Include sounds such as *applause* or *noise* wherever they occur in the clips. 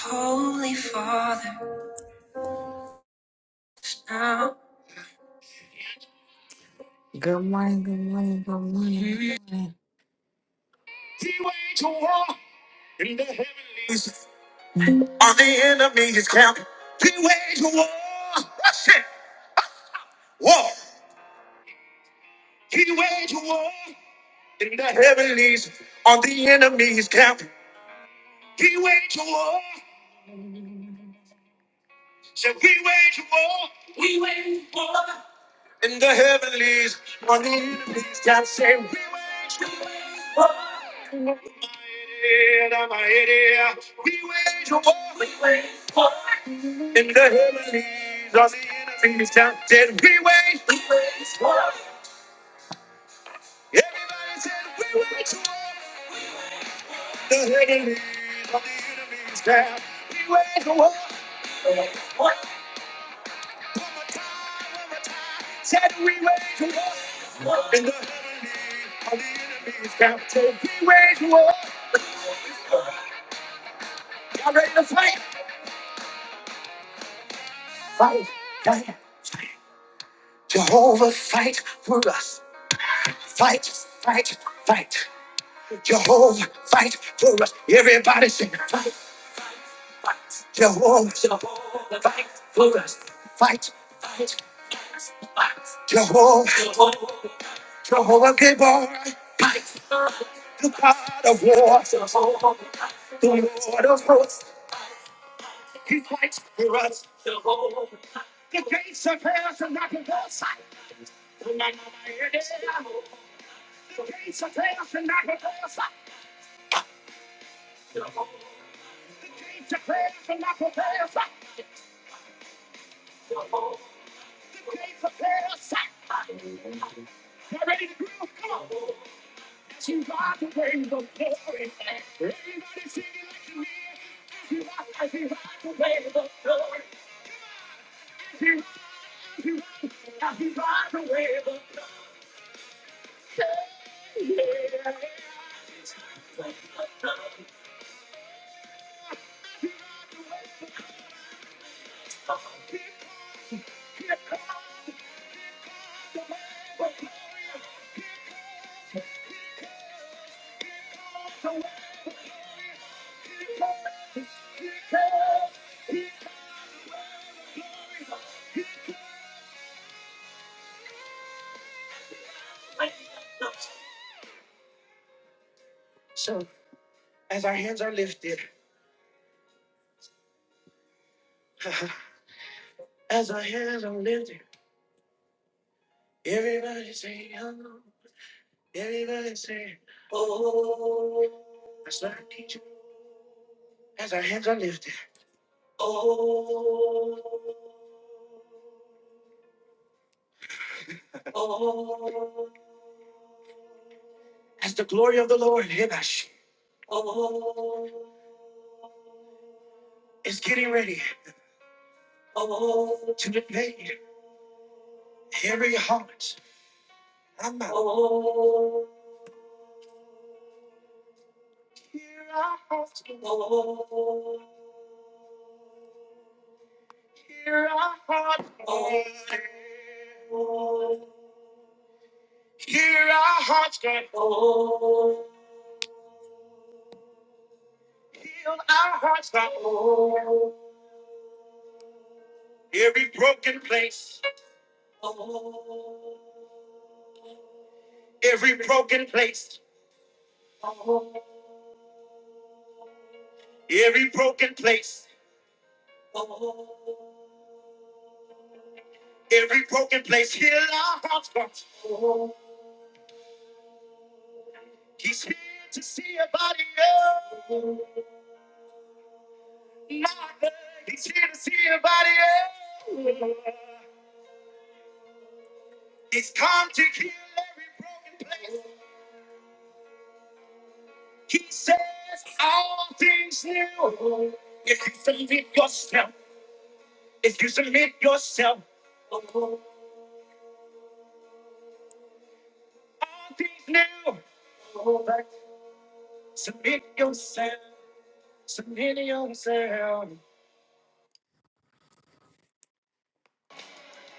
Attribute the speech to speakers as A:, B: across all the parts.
A: Holy Father, now. Good morning, good morning, good morning. good morning.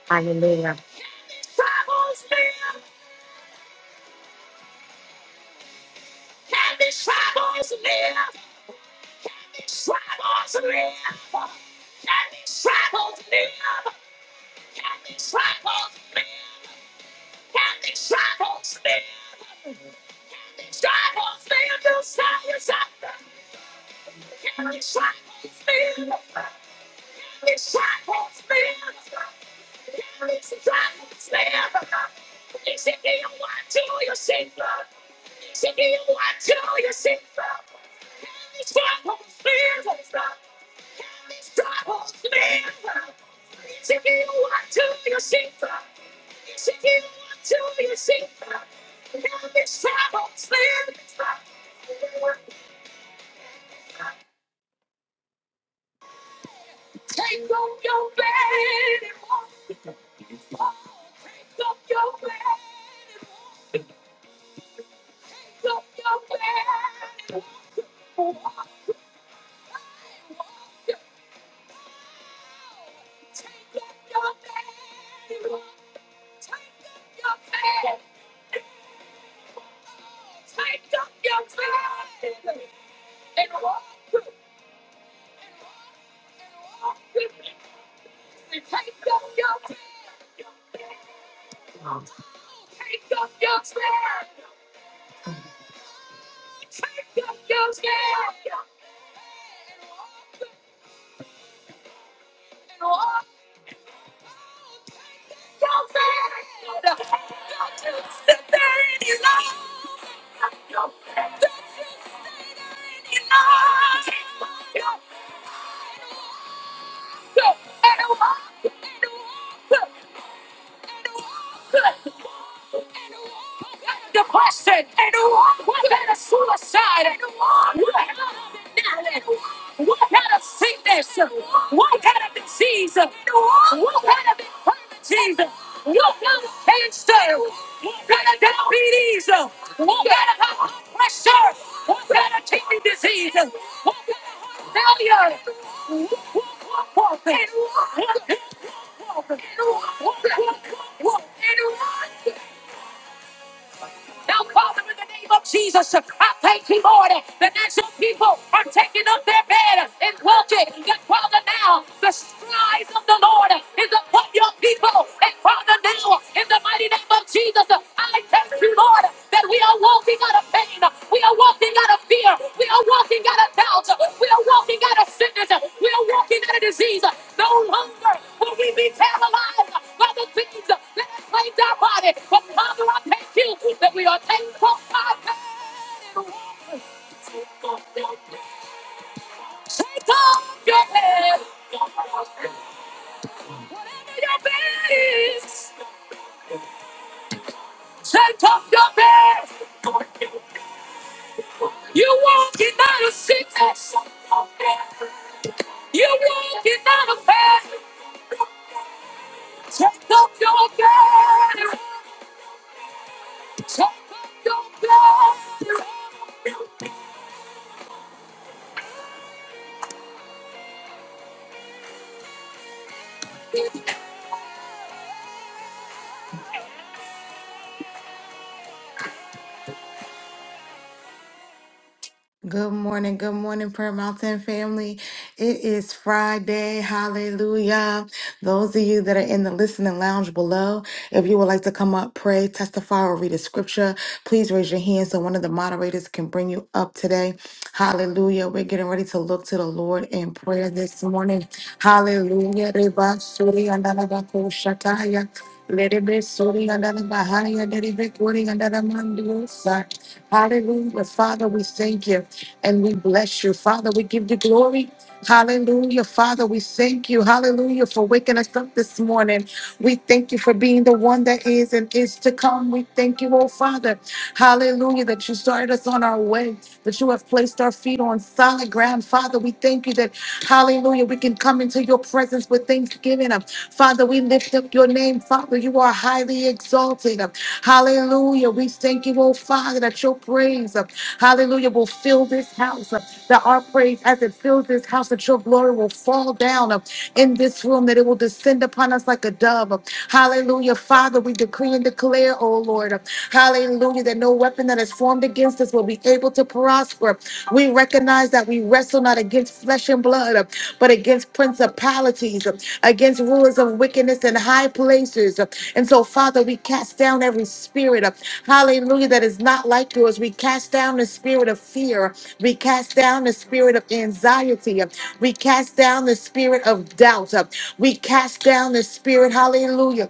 A: Hallelujah, Good morning, good morning, Prayer Mountain family. It is Friday, hallelujah. Those of you that are in the listening lounge below, if you would like to come up, pray, testify, or read a scripture, please raise your hand so one of the moderators can bring you up today. Hallelujah. We're getting ready to look to the Lord in prayer this morning. Hallelujah. Reba suri andala bako shataya. Lerebe suri andala bahaya. Lerebe kuri andala mandiosa. Hallelujah. Father, we thank you and we bless you. Father, we give you glory. Hallelujah. Father, we thank you. Hallelujah for waking us up this morning. We thank you for being the one that is and is to come. We thank you, oh Father. Hallelujah that you started us on our way that you have placed our feet on solid ground. Father, we thank you that, hallelujah, we can come into your presence with thanksgiving. Um, Father, we lift up your name. Father, you are highly exalted. Um, Hallelujah. We thank you, oh Father, that your praise, um, hallelujah, will fill this house. um, That our praise, as it fills this house, that your glory will fall down um, in this room, that it will descend upon us like a dove. Um, Hallelujah. Father, we decree and declare, oh Lord. um, Hallelujah. That no weapon that is formed against us will be able to prosper. We recognize that we wrestle not against flesh and blood, but against principalities, against rulers of wickedness in high places. And so, Father, we cast down every spirit, hallelujah, that is not like yours. We cast down the spirit of fear. We cast down the spirit of anxiety. We cast down the spirit of doubt. We cast down the spirit, hallelujah.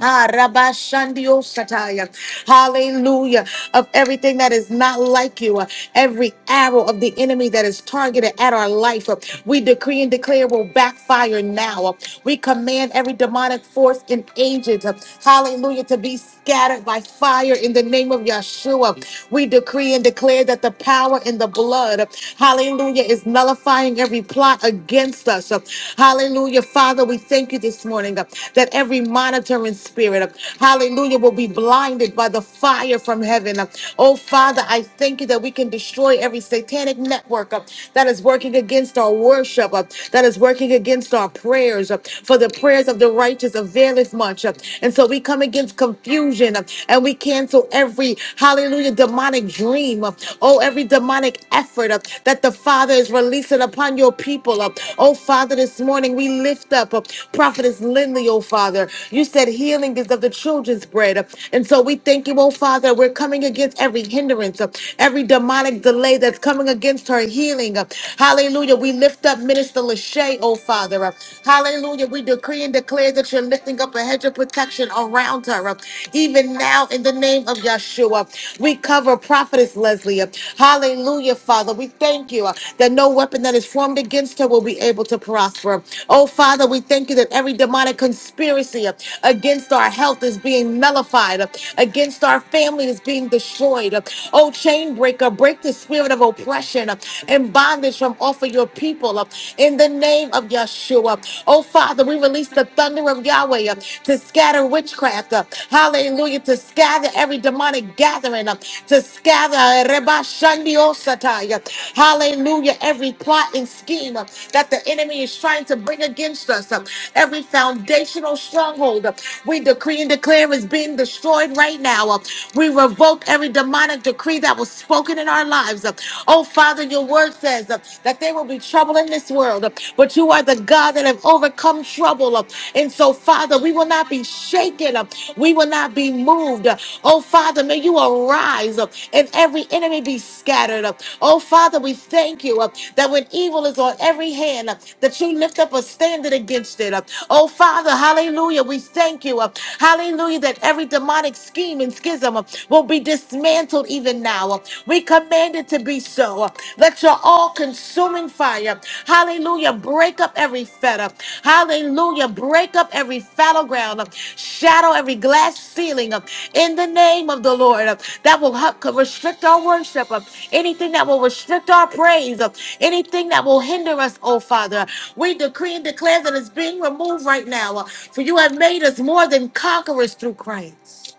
A: Ah, Rabashandio Sataya. Hallelujah. Of everything that is not like you, uh, every arrow of the enemy that is targeted at our life, uh, we decree and declare will backfire now. Uh, We command every demonic force and agent, uh, hallelujah, to be scattered by fire in the name of Yeshua. We decree and declare that the power in the blood, uh, hallelujah, is nullifying every plot against us. Uh, Hallelujah. Father, we thank you this morning uh, that every monitoring spirit, uh, hallelujah, will be blinded by the fire from heaven. uh. Oh, Father, I thank you that we can destroy every satanic network uh, that is working against our worship, uh, that is working against our prayers. uh, For the prayers of the righteous availeth much. uh. And so we come against confusion uh, and we cancel every, hallelujah, demonic dream. uh, Oh, every demonic effort effort uh, that the Father is releasing upon your people. uh. Oh, Father, this morning we lift up uh, Prophetess Lindley, oh, Father. You said healing is of the children's bread. uh, And so we thank you, oh, Father. We're coming against every hindrance, uh, every demonic delay that's coming against her healing. uh. Hallelujah. We lift up Minister Lachey, oh, Father. uh. Hallelujah. We decree and declare that you're lifting up a hedge of protection around her, uh, even now in the name of of Yeshua. We cover Prophetess Leslie. Hallelujah, Father. We thank you uh, that no weapon that is formed against her will be able to prosper. Oh, Father, we thank you that every demonic conspiracy uh, against our health is being nullified, uh, against our family is being destroyed. Uh, Oh, chain breaker, break the spirit of oppression uh, and bondage from off of your people uh, in the name of Yeshua. Oh, Father, we release the thunder of Yahweh. Yahweh uh, to scatter witchcraft. uh, Hallelujah. To scatter every demonic gathering. uh, To scatter. uh, Reba Shandiosatai, uh, Hallelujah. Every plot and scheme uh, that the enemy is trying to bring against us. uh, Every foundational stronghold. uh, We decree and declare is being destroyed right now. uh, We revoke every demonic decree that was spoken in our lives. uh, Oh, Father, your word says uh, that there will be trouble in this world this world, but you are the God that have overcome trouble. And so, Father, we will not be shaken. We will not be moved. Oh, Father, may you arise and every enemy be scattered. Oh, Father, we thank you that when evil is on every hand, that you lift up a standard against it. Oh, Father, hallelujah, we thank you. Hallelujah, that every demonic scheme and schism will be dismantled even now. We command command it to be so. Let your all consuming fire, hallelujah, break up every fetter, hallelujah, break up every fallow ground, shadow every glass ceiling uh, in the name of the Lord uh, that will help co- restrict our worship, uh, anything that will restrict our praise, uh, anything that will hinder us, oh Father. We decree and declare that it's being removed right now, uh, for you have made us more than conquerors through Christ.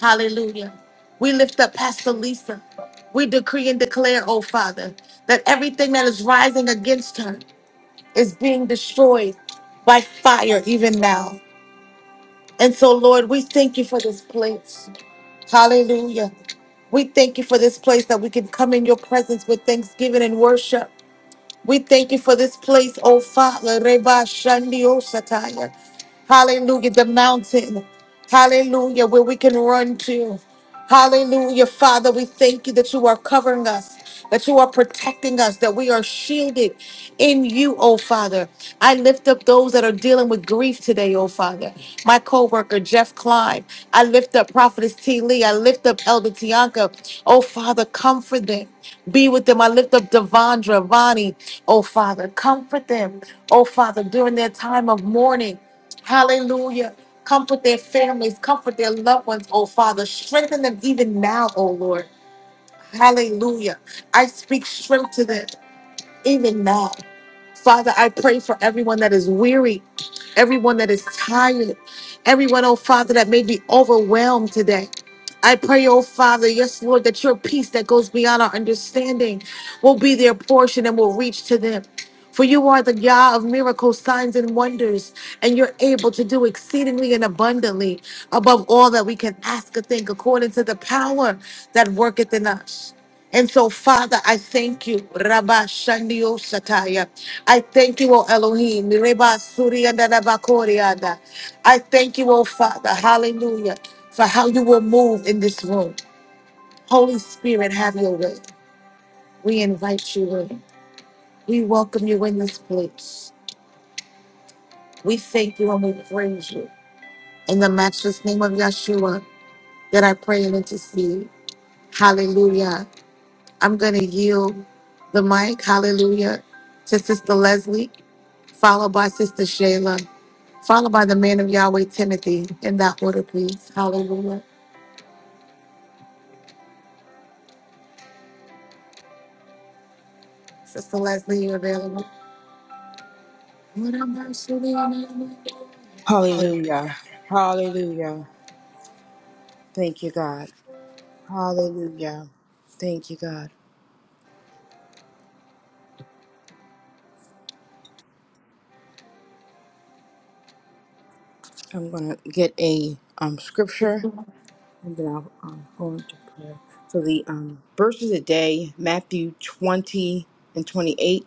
A: Hallelujah. We lift up Pastor Lisa. We decree and declare, oh Father, that everything that is rising against her is being destroyed by fire even now. And so, Lord, we thank you for this place. Hallelujah. We thank you for this place that we can come in your presence with thanksgiving and worship. We thank you for this place, oh Father. Reba Shandi Sataya. Hallelujah, the mountain. Hallelujah, where we can run to. Hallelujah, Father. We thank you that you are covering us, that you are protecting us, that we are shielded in you, oh Father. I lift up those that are dealing with grief today, oh Father. My co-worker, Jeff Klein. I lift up Prophetess T. Lee. I lift up Elder Tianka. Oh Father, comfort them. Be with them. I lift up Devondra, Vonnie. Oh Father, comfort them. Oh Father, during their time of mourning. Hallelujah. Comfort their families. Comfort their loved ones, oh Father. Strengthen them even now, oh Lord. Hallelujah. I speak strength to them even now. Father, I pray for everyone that is weary, everyone that is tired, everyone, oh Father, that may be overwhelmed today. I pray, oh Father, yes, Lord, that your peace that goes beyond our understanding will be their portion and will reach to them. For you are the Yah of miracles, signs, and wonders, and you're able to do exceedingly and abundantly above all that we can ask or think according to the power that worketh in us. And so, Father, I thank you. Rabba Shandio Shataya. I thank you, O Elohim. Reba Surianda Rabba Korianda. I thank you, O Father. Hallelujah for how you will move in this room. Holy Spirit, have your way. We invite you in. We welcome you in this place. We thank you and we praise you. In the matchless name of Yeshua, that I pray and intercede. Hallelujah. I'm going to yield the mic, hallelujah, to Sister Leslie, followed by Sister Shayla, followed by the man of Yahweh, Timothy, in that order, please. Hallelujah. Sister Leslie, you're available. Hallelujah.
B: Hallelujah. Hallelujah. Thank you, God. Hallelujah. Thank you, God. I'm going to get a um, scripture and then I'll um, go into prayer. So, the um, verse of the day, Matthew 20 and 28,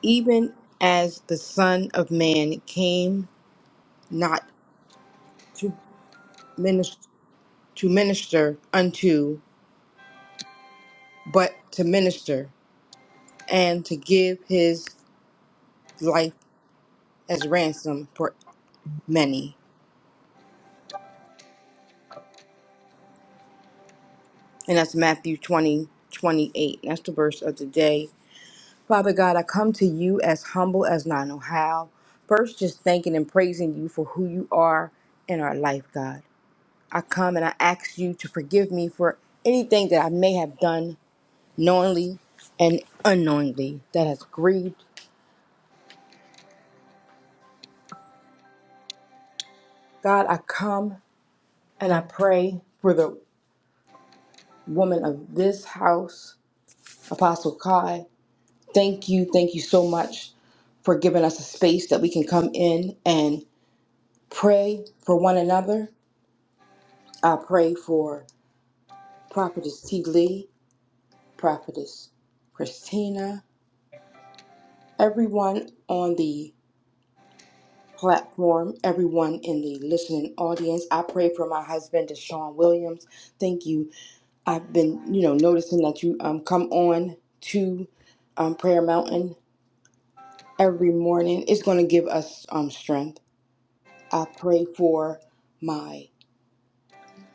B: even as the Son of Man came not to minister, to minister unto, but to minister and to give his life as ransom for many. And that's Matthew 20:28. That's the verse of the day. Father God, I come to you as humble as I know how. First, just thanking and praising you for who you are in our life, God. I come and I ask you to forgive me for anything that I may have done knowingly and unknowingly that has grieved. God, I come and I pray for the woman of this house, Apostle Kai. Thank you. Thank you so much for giving us a space that we can come in and pray for one another. I pray for Prophetess T. Lee, Prophetess Christina, everyone on the platform, everyone in the listening audience. I pray for my husband, Deshaun Williams. Thank you. I've been, you know, noticing that you um come on to um, Prayer Mountain every morning. It's going to give us um strength. I pray for my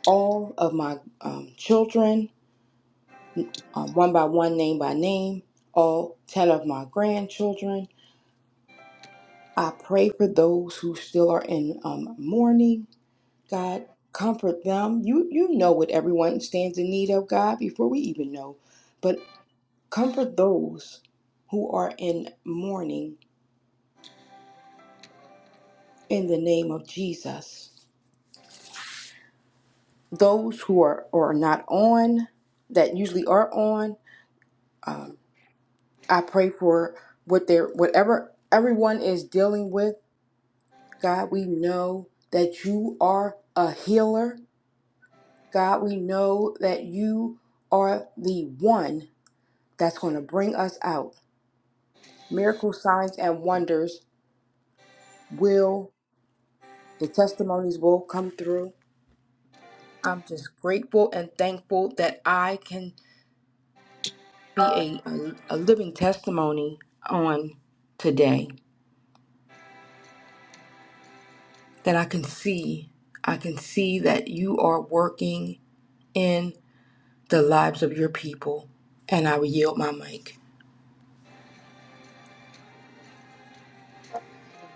B: all of my um, children, um, one by one, name by name, all 10 of my grandchildren. I pray for those who still are in um, mourning. God, comfort them. You, you know what everyone stands in need of, God, before we even know. But comfort those who are in mourning in the name of Jesus. Those who are, are not on, that usually are on. um, I pray for what they're whatever everyone is dealing with. God, we know that you are a healer. God, we know that you are the one that's going to bring us out. Miracle signs and wonders will the testimonies will come through. I'm just grateful and thankful that I can be a, a, a living testimony on today. That I can see, I can see that you are working in the lives of your people. And I will yield my mic.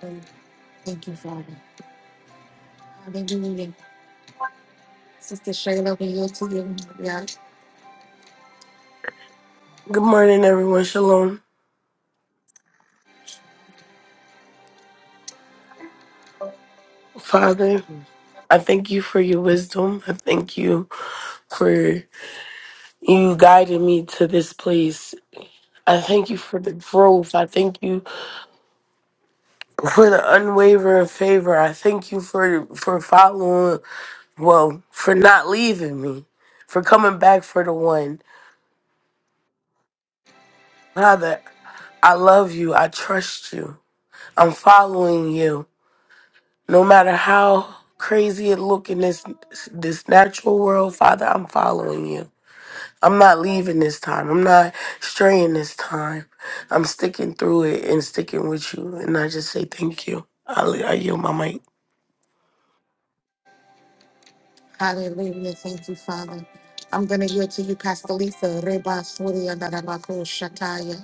A: Thank thank you, Father. Hallelujah. Sister Shayla, we yield to you. Yeah.
C: Good morning, everyone. Shalom. Father, I thank you for your wisdom. I thank you for you guiding me to this place. I thank you for the growth. I thank you for the unwavering favor. I thank you for for following, well, for not leaving me, for coming back for the one. Father, I love you. I trust you. I'm following you. No matter how crazy it look in this this natural world, Father, I'm following you. I'm not leaving this time. I'm not straying this time. I'm sticking through it and sticking with you. And I just say thank you. I, I yield my mic.
A: Hallelujah. Thank you, Father. I'm going to yield to you, Pastor Lisa. Reba Surya Narabako Shataya.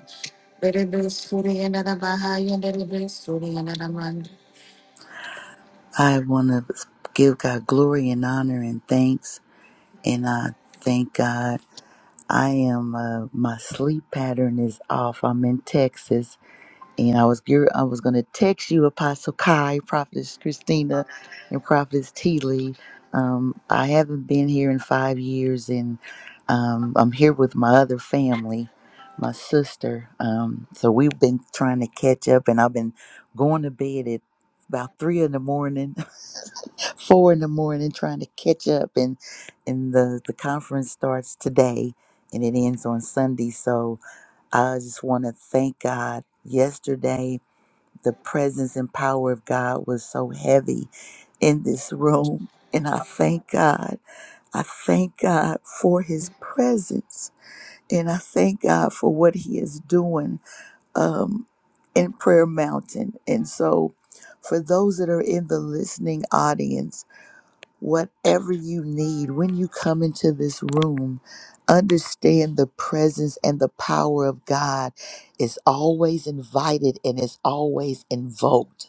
A: Rebe Surya Narabahaya. Rebe Surya Naraman.
D: I want to give God glory and honor and thanks. And I thank God. I am uh, my sleep pattern is off. I'm in Texas, and I was gear- I was going to text you, Apostle Kai, Prophetess Christina, and Prophetess Teeley. Um, I haven't been here in five years, and um, I'm here with my other family, my sister. Um, so we've been trying to catch up, and I've been going to bed at about three in the morning *laughs* four in the morning trying to catch up and and the the conference starts today and it ends on sunday so i just want to thank god yesterday the presence and power of god was so heavy in this room and i thank god i thank god for his presence and i thank god for what he is doing um in prayer mountain and so for those that are in the listening audience whatever you need when you come into this room understand the presence and the power of god is always invited and is always invoked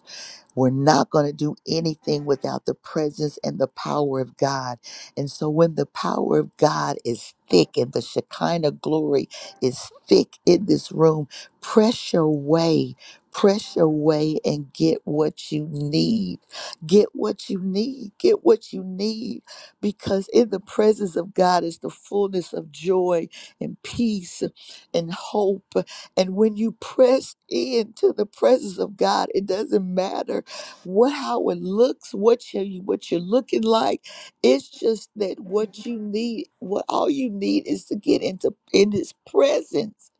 D: we're not going to do anything without the presence and the power of God. And so when the power of God is thick and the Shekinah glory is thick in this room, press your way, press your way and get what you need. Get what you need, get what you need, because in the presence of God is the fullness of joy and peace and hope. And when you press into the presence of God, it doesn't matter what how it looks, what you what you're looking like. It's just that what you need, what all you need is to get into in his presence.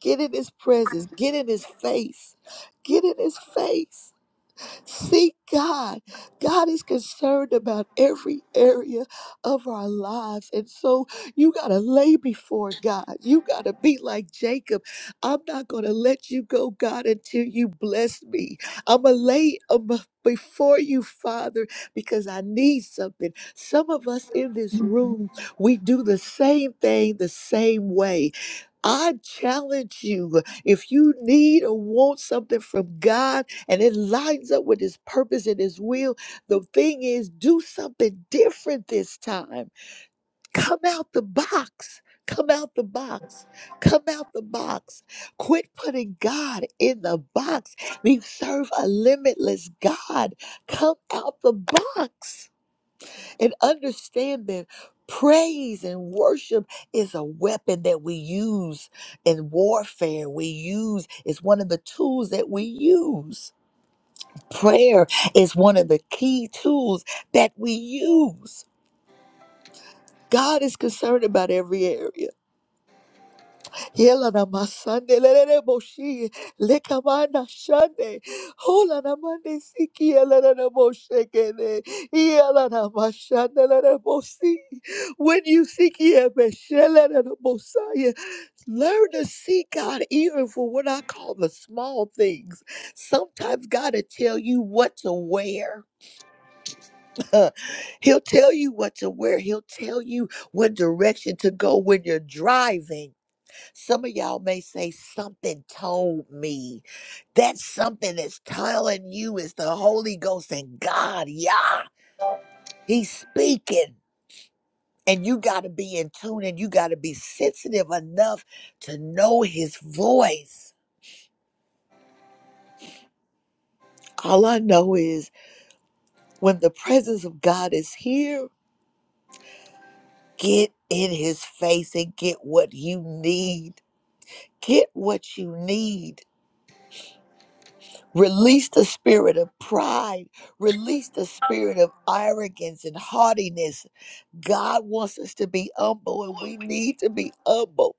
D: Get in his presence. Get in his face. Get in his face. Seek God. God is concerned about every area of our lives. And so you got to lay before God. You got to be like Jacob. I'm not going to let you go, God, until you bless me. I'm going to lay um, before you, Father, because I need something. Some of us in this room, we do the same thing the same way. I challenge you if you need or want something from God and it lines up with His purpose and His will, the thing is, do something different this time. Come out the box. Come out the box. Come out the box. Quit putting God in the box. We serve a limitless God. Come out the box and understand that praise and worship is a weapon that we use in warfare we use it's one of the tools that we use prayer is one of the key tools that we use god is concerned about every area Yela na masande lelele boshi lekamana shande hola na mande siki yela na na moshe kene yela na mashande lelele boshi. When you seek Him, shele learn to seek God even for what I call the small things. Sometimes God will tell you what to wear. *laughs* He'll tell you what to wear. He'll tell you what direction to go when you're driving. Some of y'all may say, Something told me. That something is telling you is the Holy Ghost and God. Yeah, He's speaking. And you got to be in tune and you got to be sensitive enough to know His voice. All I know is when the presence of God is here, get in His face and get what you need. Get what you need Release the spirit of pride. Release the spirit of arrogance and haughtiness. God wants us to be humble, and we need to be humble.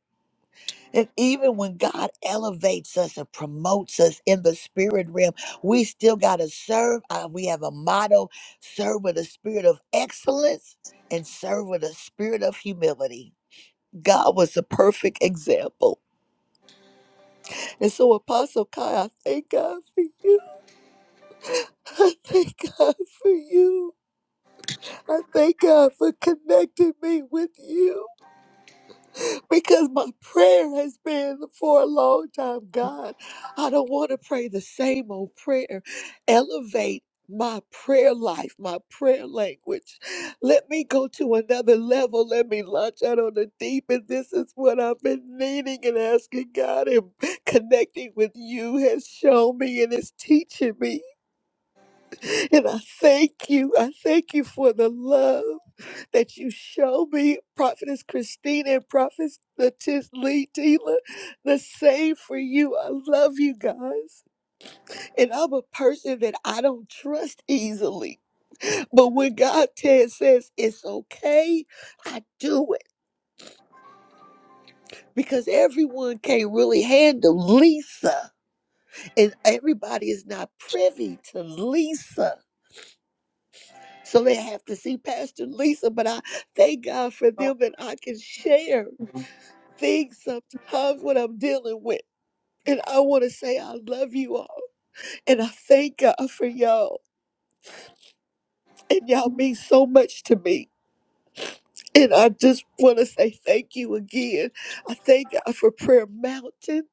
D: And even when God elevates us and promotes us in the spirit realm, we still got to serve. Uh, we have a motto serve with a spirit of excellence and serve with a spirit of humility. God was the perfect example. And so, Apostle Kai, I thank God for you. *laughs* I thank God for you. I thank God for connecting me with you because my prayer has been for a long time. God, I don't want to pray the same old prayer. Elevate my prayer life, my prayer language. Let me go to another level. Let me launch out on the deep. And this is what I've been needing and asking God. And connecting with you has shown me and it's teaching me. And I thank you. I thank you for the love that you show me, Prophetess Christina and Prophetess Latis Lee Tila. The same for you. I love you guys. And I'm a person that I don't trust easily. But when God te- says it's okay, I do it because everyone can't really handle Lisa, and everybody is not privy to Lisa. So they have to see Pastor Lisa, but I thank God for them that I can share things sometimes what I'm dealing with. And I want to say I love you all. And I thank God for y'all. And y'all mean so much to me. And I just want to say thank you again. I thank God for Prayer Mountain.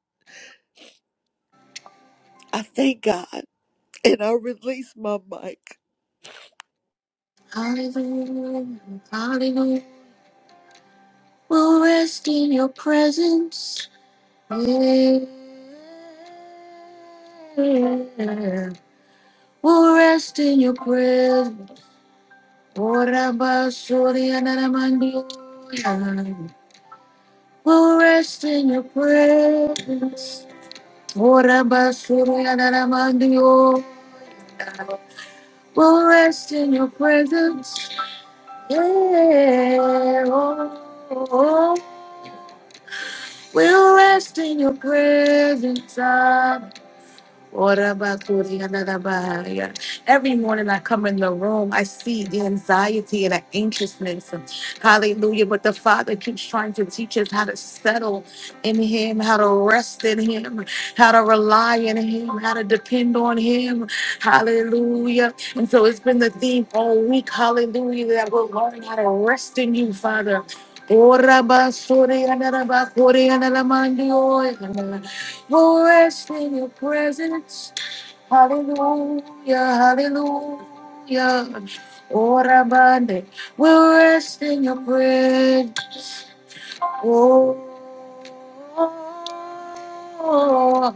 D: I thank God. And I release my mic.
A: Hallelujah. Hallelujah. We'll rest in your presence. Yeah. We'll rest in your presence. Ora basuri anaramandu. We'll rest in your presence. Orabasurianaramandio. We'll rest in your presence. Yeah. oh, oh, oh. We'll rest in your presence. Every morning I come in the room, I see the anxiety and the anxiousness. Hallelujah. But the Father keeps trying to teach us how to settle in Him, how to rest in Him, how to rely in Him, how to depend on Him. Hallelujah. And so it's been the theme all week, hallelujah, that we're learning how to rest in you, Father. Orabasuriyanarabakuriyanaramandiyoyanara. Oh, rest in your presence. Hallelujah, hallelujah. Oh, Rabande, we'll rest in your presence. Oh,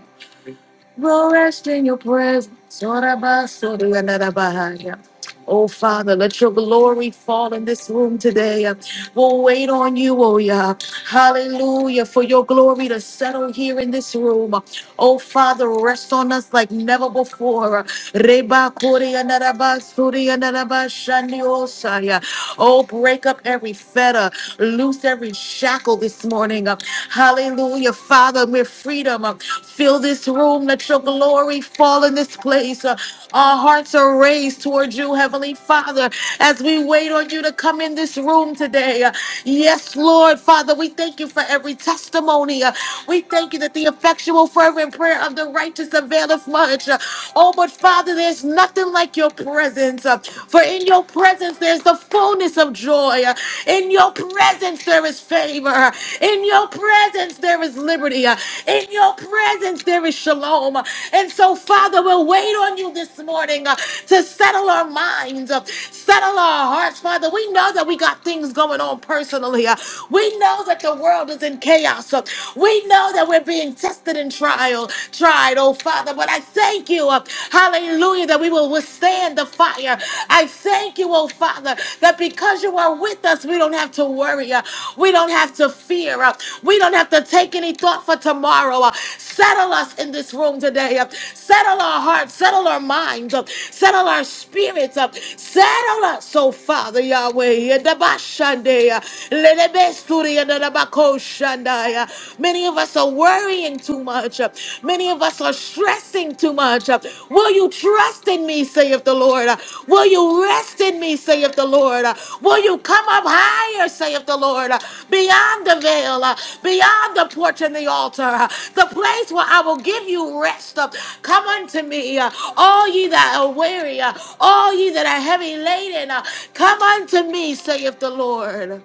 A: We'll rest in your presence. Sorabasorianarabahaya. Oh, Father, let your glory fall in this room today. We'll wait on you, oh, yeah. Hallelujah, for your glory to settle here in this room. Oh, Father, rest on us like never before. Rebakorianarabasorianarabashandiosaya. Oh, break up every fetter, loose every shackle this morning. Hallelujah, Father, mere freedom. Fill this room. Let your glory fall in this place. Uh, Our hearts are raised towards you, Heavenly Father, as we wait on you to come in this room today. Uh, Yes, Lord, Father, we thank you for every testimony. Uh, We thank you that the effectual, fervent prayer of the righteous availeth much. Uh, Oh, but Father, there's nothing like your presence. Uh, For in your presence, there's the fullness of joy. Uh, In your presence, presence, there is favor. In your presence, there is liberty. In your presence, there is shalom. And so, Father, we'll wait on you this morning uh, to settle our minds, uh, settle our hearts, Father. We know that we got things going on personally. uh, We know that the world is in chaos. uh, We know that we're being tested and trial, tried, oh Father. But I thank you, uh, hallelujah, that we will withstand the the fire. I thank you, oh Father, that because you are with us, we don't have to worry. uh, We don't have to fear. uh, We don't have to take any thought for tomorrow. uh. Settle us in this room today. uh. Settle our hearts. Settle our minds. uh. Settle our spirits. uh. Settle us, oh Father, Yahweh. Yedabashande, uh, lelebesturi, yedabakoshandai, uh. Many of us are worrying too much much. Many of us are stressing too much. Will you trust in me, saith the Lord? Will you rest in me, saith the Lord? Will you come up higher, saith the Lord? Beyond the veil, beyond the porch and the altar, the place where I will give you rest. Come unto me, all ye that are weary, all ye that are heavy laden. Come unto me, saith the Lord.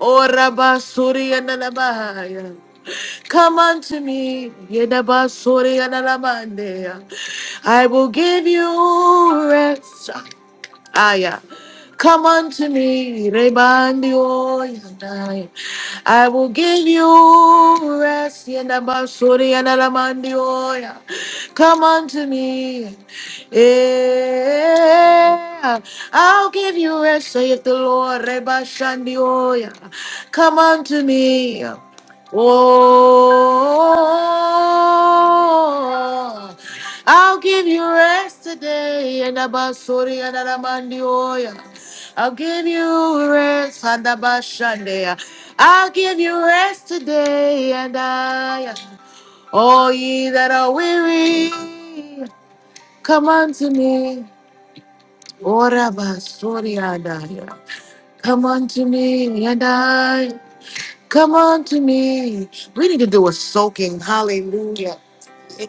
A: Oh, Rabba, Suri, and Alabaya. Come unto me, Yedaba, Suri, and Alabandea. I will give you rest. Ah, yeah. Come unto me, Rebandio, Yandai. I will give you rest, Yandabasuri, Yandalamandio. yeah. Come unto me, yeah. I'll give you rest, saith the Lord, Rebashandio. yeah. Come unto me, yeah. oh. I'll give you rest today. And about and Amandioya. I'll give you rest and about Shandaya. I'll give you rest today and I all ye that are weary, come unto me. Oraba sorry and I come unto me and I come unto me. We need to do a soaking. Hallelujah.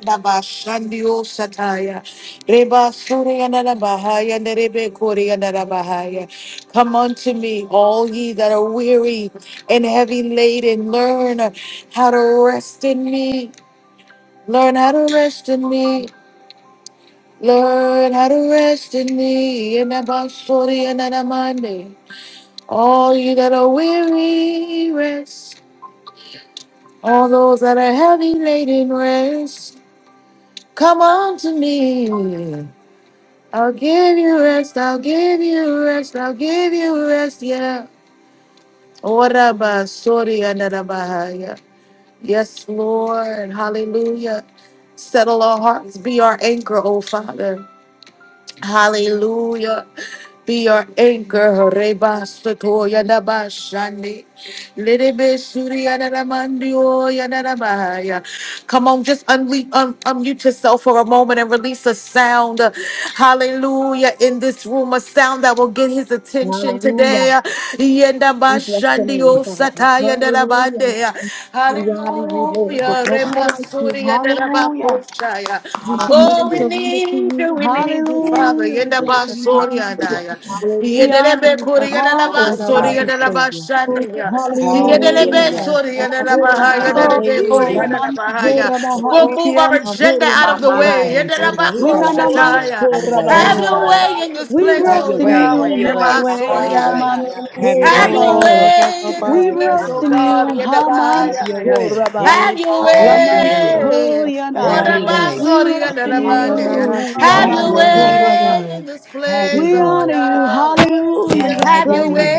A: Daba Shandio Sataya. Reba Suriana Bahaya and Rebe Koriana Bahaya. Come unto me, all ye that are weary and heavy laden. Learn how to rest in me. Learn how to rest in me. Learn how to rest in me. And Abba Suriana Namande. All ye that are weary, rest. All those that are heavy laden, rest. Come unto me. I'll give you rest, I'll give you rest, I'll give you rest, yeah. Oraba, sorry, andarabahaya. Yes, Lord, hallelujah. Settle our hearts, be our anchor, oh Father. Hallelujah. Be your anchor, Reba Sotoya Dabashandi. Lirebe Surya Naramandio Yanarabaya. Come on, just unle- un- unmute yourself for a moment and release a sound. Hallelujah. In this room, a sound that will get his attention
E: Hallelujah.
A: today.
E: We bless your
A: Yendabashandio
E: name, Father.
A: sataya
E: Hallelujah.
A: darabande.
F: Thank
E: We
G: Oh,
E: honor you, Lord. There's
A: Hallelujah.
E: nobody like you.
A: Rebasuria
E: Hallelujah.
A: darabakoshaya.
E: We submit
A: Oh,
E: and
A: we
E: surrender to
A: need you,
E: you.
A: we need you, Father.
E: Hallelujah. We
A: Yenda
E: bless your
A: basoria
E: name.
A: daya.
E: We
B: Hallelujah.
E: honor
A: Yedelebe
E: you,
A: kuria
E: Father. We thank
A: darabasoria
B: Hallelujah.
E: you,
H: Hallelujah.
E: Savior.
A: darabashandaya. Yedelebe
B: Hallelujah.
E: Hallelujah.
A: soria darabahaya.
E: Horabaya.
A: Yedelebe kuria
H: Hallelujah.
E: Lamans
A: darabahaya.
E: horabaha
A: We'll move our
E: ikians
A: agenda Send out
H: My
A: of the way.
H: mind.
E: horamansai.
I: Oh,
H: Yes.
E: Winanamans
A: Yedarabakoshataya. Have
B: Hallelujah.
A: your
E: horabahai.
A: way in this
E: We
A: place,
H: Hallelujah.
B: Have
E: rest
A: oh
B: your
E: in
B: way. Have
E: you,
A: Yahweh.
B: your way.
E: Yahweh,
B: Have your
H: Hallelujah.
B: way.
A: Rebasorianaya.
B: Have your
A: Have
B: way,
A: your
B: God.
E: Yamans
A: way in this
E: We
B: Have your
A: place, oh
E: rest
B: way,
E: in
B: God.
A: God.
E: you, Haman
B: Have your
A: Yedabayaya.
B: way.
E: Sorabai,
A: Have your
B: Have
H: Hallelujah.
B: your
E: Laman
B: way.
A: way.
B: Have
E: Soyanai.
B: your way.
E: We rest
H: Father.
E: in
H: Hallelujah.
A: Orabasorianaramandea.
E: you,
A: Have
B: Have
E: Yaman
A: your
B: your way.
A: way
E: Sorabai.
A: in this
B: Have
A: place,
B: your
E: We
A: oh
B: way.
E: honor you,
A: Yahweh.
E: hallelujah, in this
B: Have your way. Have
A: Have your
B: your
E: place.
B: way.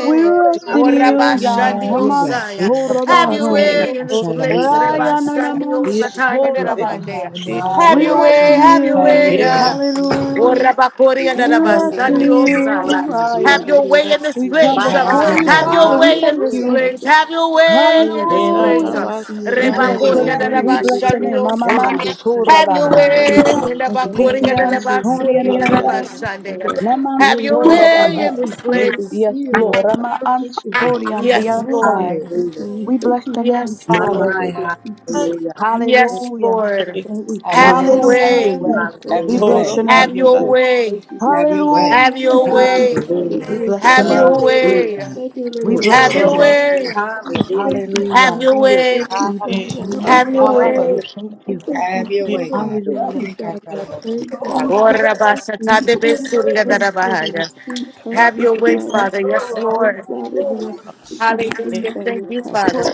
E: We rest in
A: Oh, Rabba
E: you,
B: Have
E: Yahaman
A: Osaya. Have your
E: Sorabai,
A: way in this
B: your
A: place.
B: way.
A: Rabba
D: *laughs*
A: Shandi
E: Rayanaman
A: Osataya de
D: Yeke
F: you.
A: Rabandea.
E: Sorabai.
D: bashanda
F: Yeah,
D: da da da
A: Have
E: We
A: your
E: rest
H: Hallelujah.
D: basi
A: way.
E: in
D: yala
A: Have
D: da
A: your
B: Have
A: way.
B: your
E: you,
D: motion
B: way.
D: de
A: yeah.
D: kia
A: Oh,
D: basa.
E: hallelujah.
H: Yes.
A: Rabba Kori and
E: We
H: Yes.
A: Rabba
D: Oh
E: rest
H: Yes.
D: God,
E: in
D: thank you,
A: Osaya.
E: you,
D: Jesus.
E: Aya.
A: Have
H: Hallelujah.
D: Yebe
A: your
D: be
A: way in this
D: si
E: We
D: yala
E: come
D: da
H: My
A: place. yeah.
B: Have
E: before
B: your
E: you,
H: mind.
D: motion
B: way.
A: Have your
E: Father.
D: de
E: We
D: kia
A: way
D: da
A: in
E: thank
A: this
E: you
H: Hallelujah.
A: place.
D: bashanda.
A: Have your way
D: Ola
A: in
D: da
A: this
D: da da da
A: place.
E: Hallelujah.
D: da si yala
E: We
D: da
A: Rabba
D: da
E: bless your
A: Kori and
B: Hallelujah.
D: bashanda
E: name. We
D: de
A: Rabba
D: de de
E: bless
D: de
E: your
D: bo
A: Shandi
E: name.
D: si
E: Mama
D: ki yebe
A: Osataya.
D: se
A: Have
D: ya.
A: your
E: Mansurabahai.
D: Ya
A: way in the
H: Hallelujah.
D: da da da
A: Bakuri
D: da
A: and
E: Likian
D: ba
A: the
D: de si ki
A: Basuri and the
D: yala da da
E: Sorianiandai.
A: Bashandega.
D: bashanda.
A: Have
D: Ola
A: your
D: da ba de
A: way
D: de
A: in
E: Namansurabahai.
A: this
D: si ki yebe
A: place.
D: se
E: Yes,
D: yala da.
E: Lord. Rama
D: Thank you.
A: Yes,
D: Father, we
E: Ansoriandiansai.
A: Lord.
D: thank
H: Hallelujah.
D: you. We
E: We
D: thank
E: bless
D: you
E: your
D: for
E: name,
A: Yes,
H: My
D: this.
E: Father.
A: Lord.
D: Yebe be
H: mind.
D: si ki
H: Hallelujah.
D: yala.
A: Yes,
E: Hallelujah.
A: Lord.
D: God, we
B: Have your
D: thank
A: Have
B: way.
A: your
H: Yes.
D: you.
B: Have
H: Father.
B: your
A: way.
D: We
E: Hallelujah.
B: way.
D: we thank
B: Have
E: We
B: your
D: you,
H: Hallelujah.
E: bless
D: Father,
B: way.
E: your
D: for
E: name.
B: Have
A: Have
D: your
B: your
A: your
D: grace
B: way.
D: and
A: way.
D: mercy this
B: Have your
D: morning.
B: way.
A: Have
E: Hallelujah.
D: We
A: your
D: thank you,
A: way.
D: Father,
E: We
H: Hallelujah.
D: Lord
E: bless your
A: Have
B: Do
D: God.
B: it,
D: and
E: name.
A: your
D: yet
B: God. Do
D: another
B: it,
A: way.
H: Hallelujah.
B: God.
D: Sunday, let
E: We
B: Do
D: it
B: it,
D: have a
E: bless
A: Have
B: God.
E: your
H: Hallelujah.
A: your
D: full
E: name.
A: way.
D: Sunday. I
H: Hallelujah.
D: thank you,
A: Have
E: Hallelujah.
A: your
D: Father. I
B: Do it,
A: way.
B: God.
D: thank you,
E: We
D: Father.
E: bless your
D: I
E: name.
D: thank
A: Have your
D: you,
E: Father,
A: way.
E: we
D: Father.
E: thank
D: I
E: you.
D: thank
B: Have
D: you,
B: your way,
D: Father. I
B: God.
D: thank
E: Hallelujah.
D: you,
B: You can't
D: Father.
B: tell them
D: I pray,
B: Hallelujah.
D: Father, for
A: Ora
D: the
A: basata de
D: retreat.
A: besuri and
D: Pray for the
A: Bahaya.
D: retreat
A: Have
D: conference,
A: your way,
D: Father.
A: Father. Yes,
D: Pray,
A: Lord.
H: Hallelujah.
D: Father, Lord, that you will
A: Hallelujah.
D: move by your
A: Thank you,
D: power.
A: Father.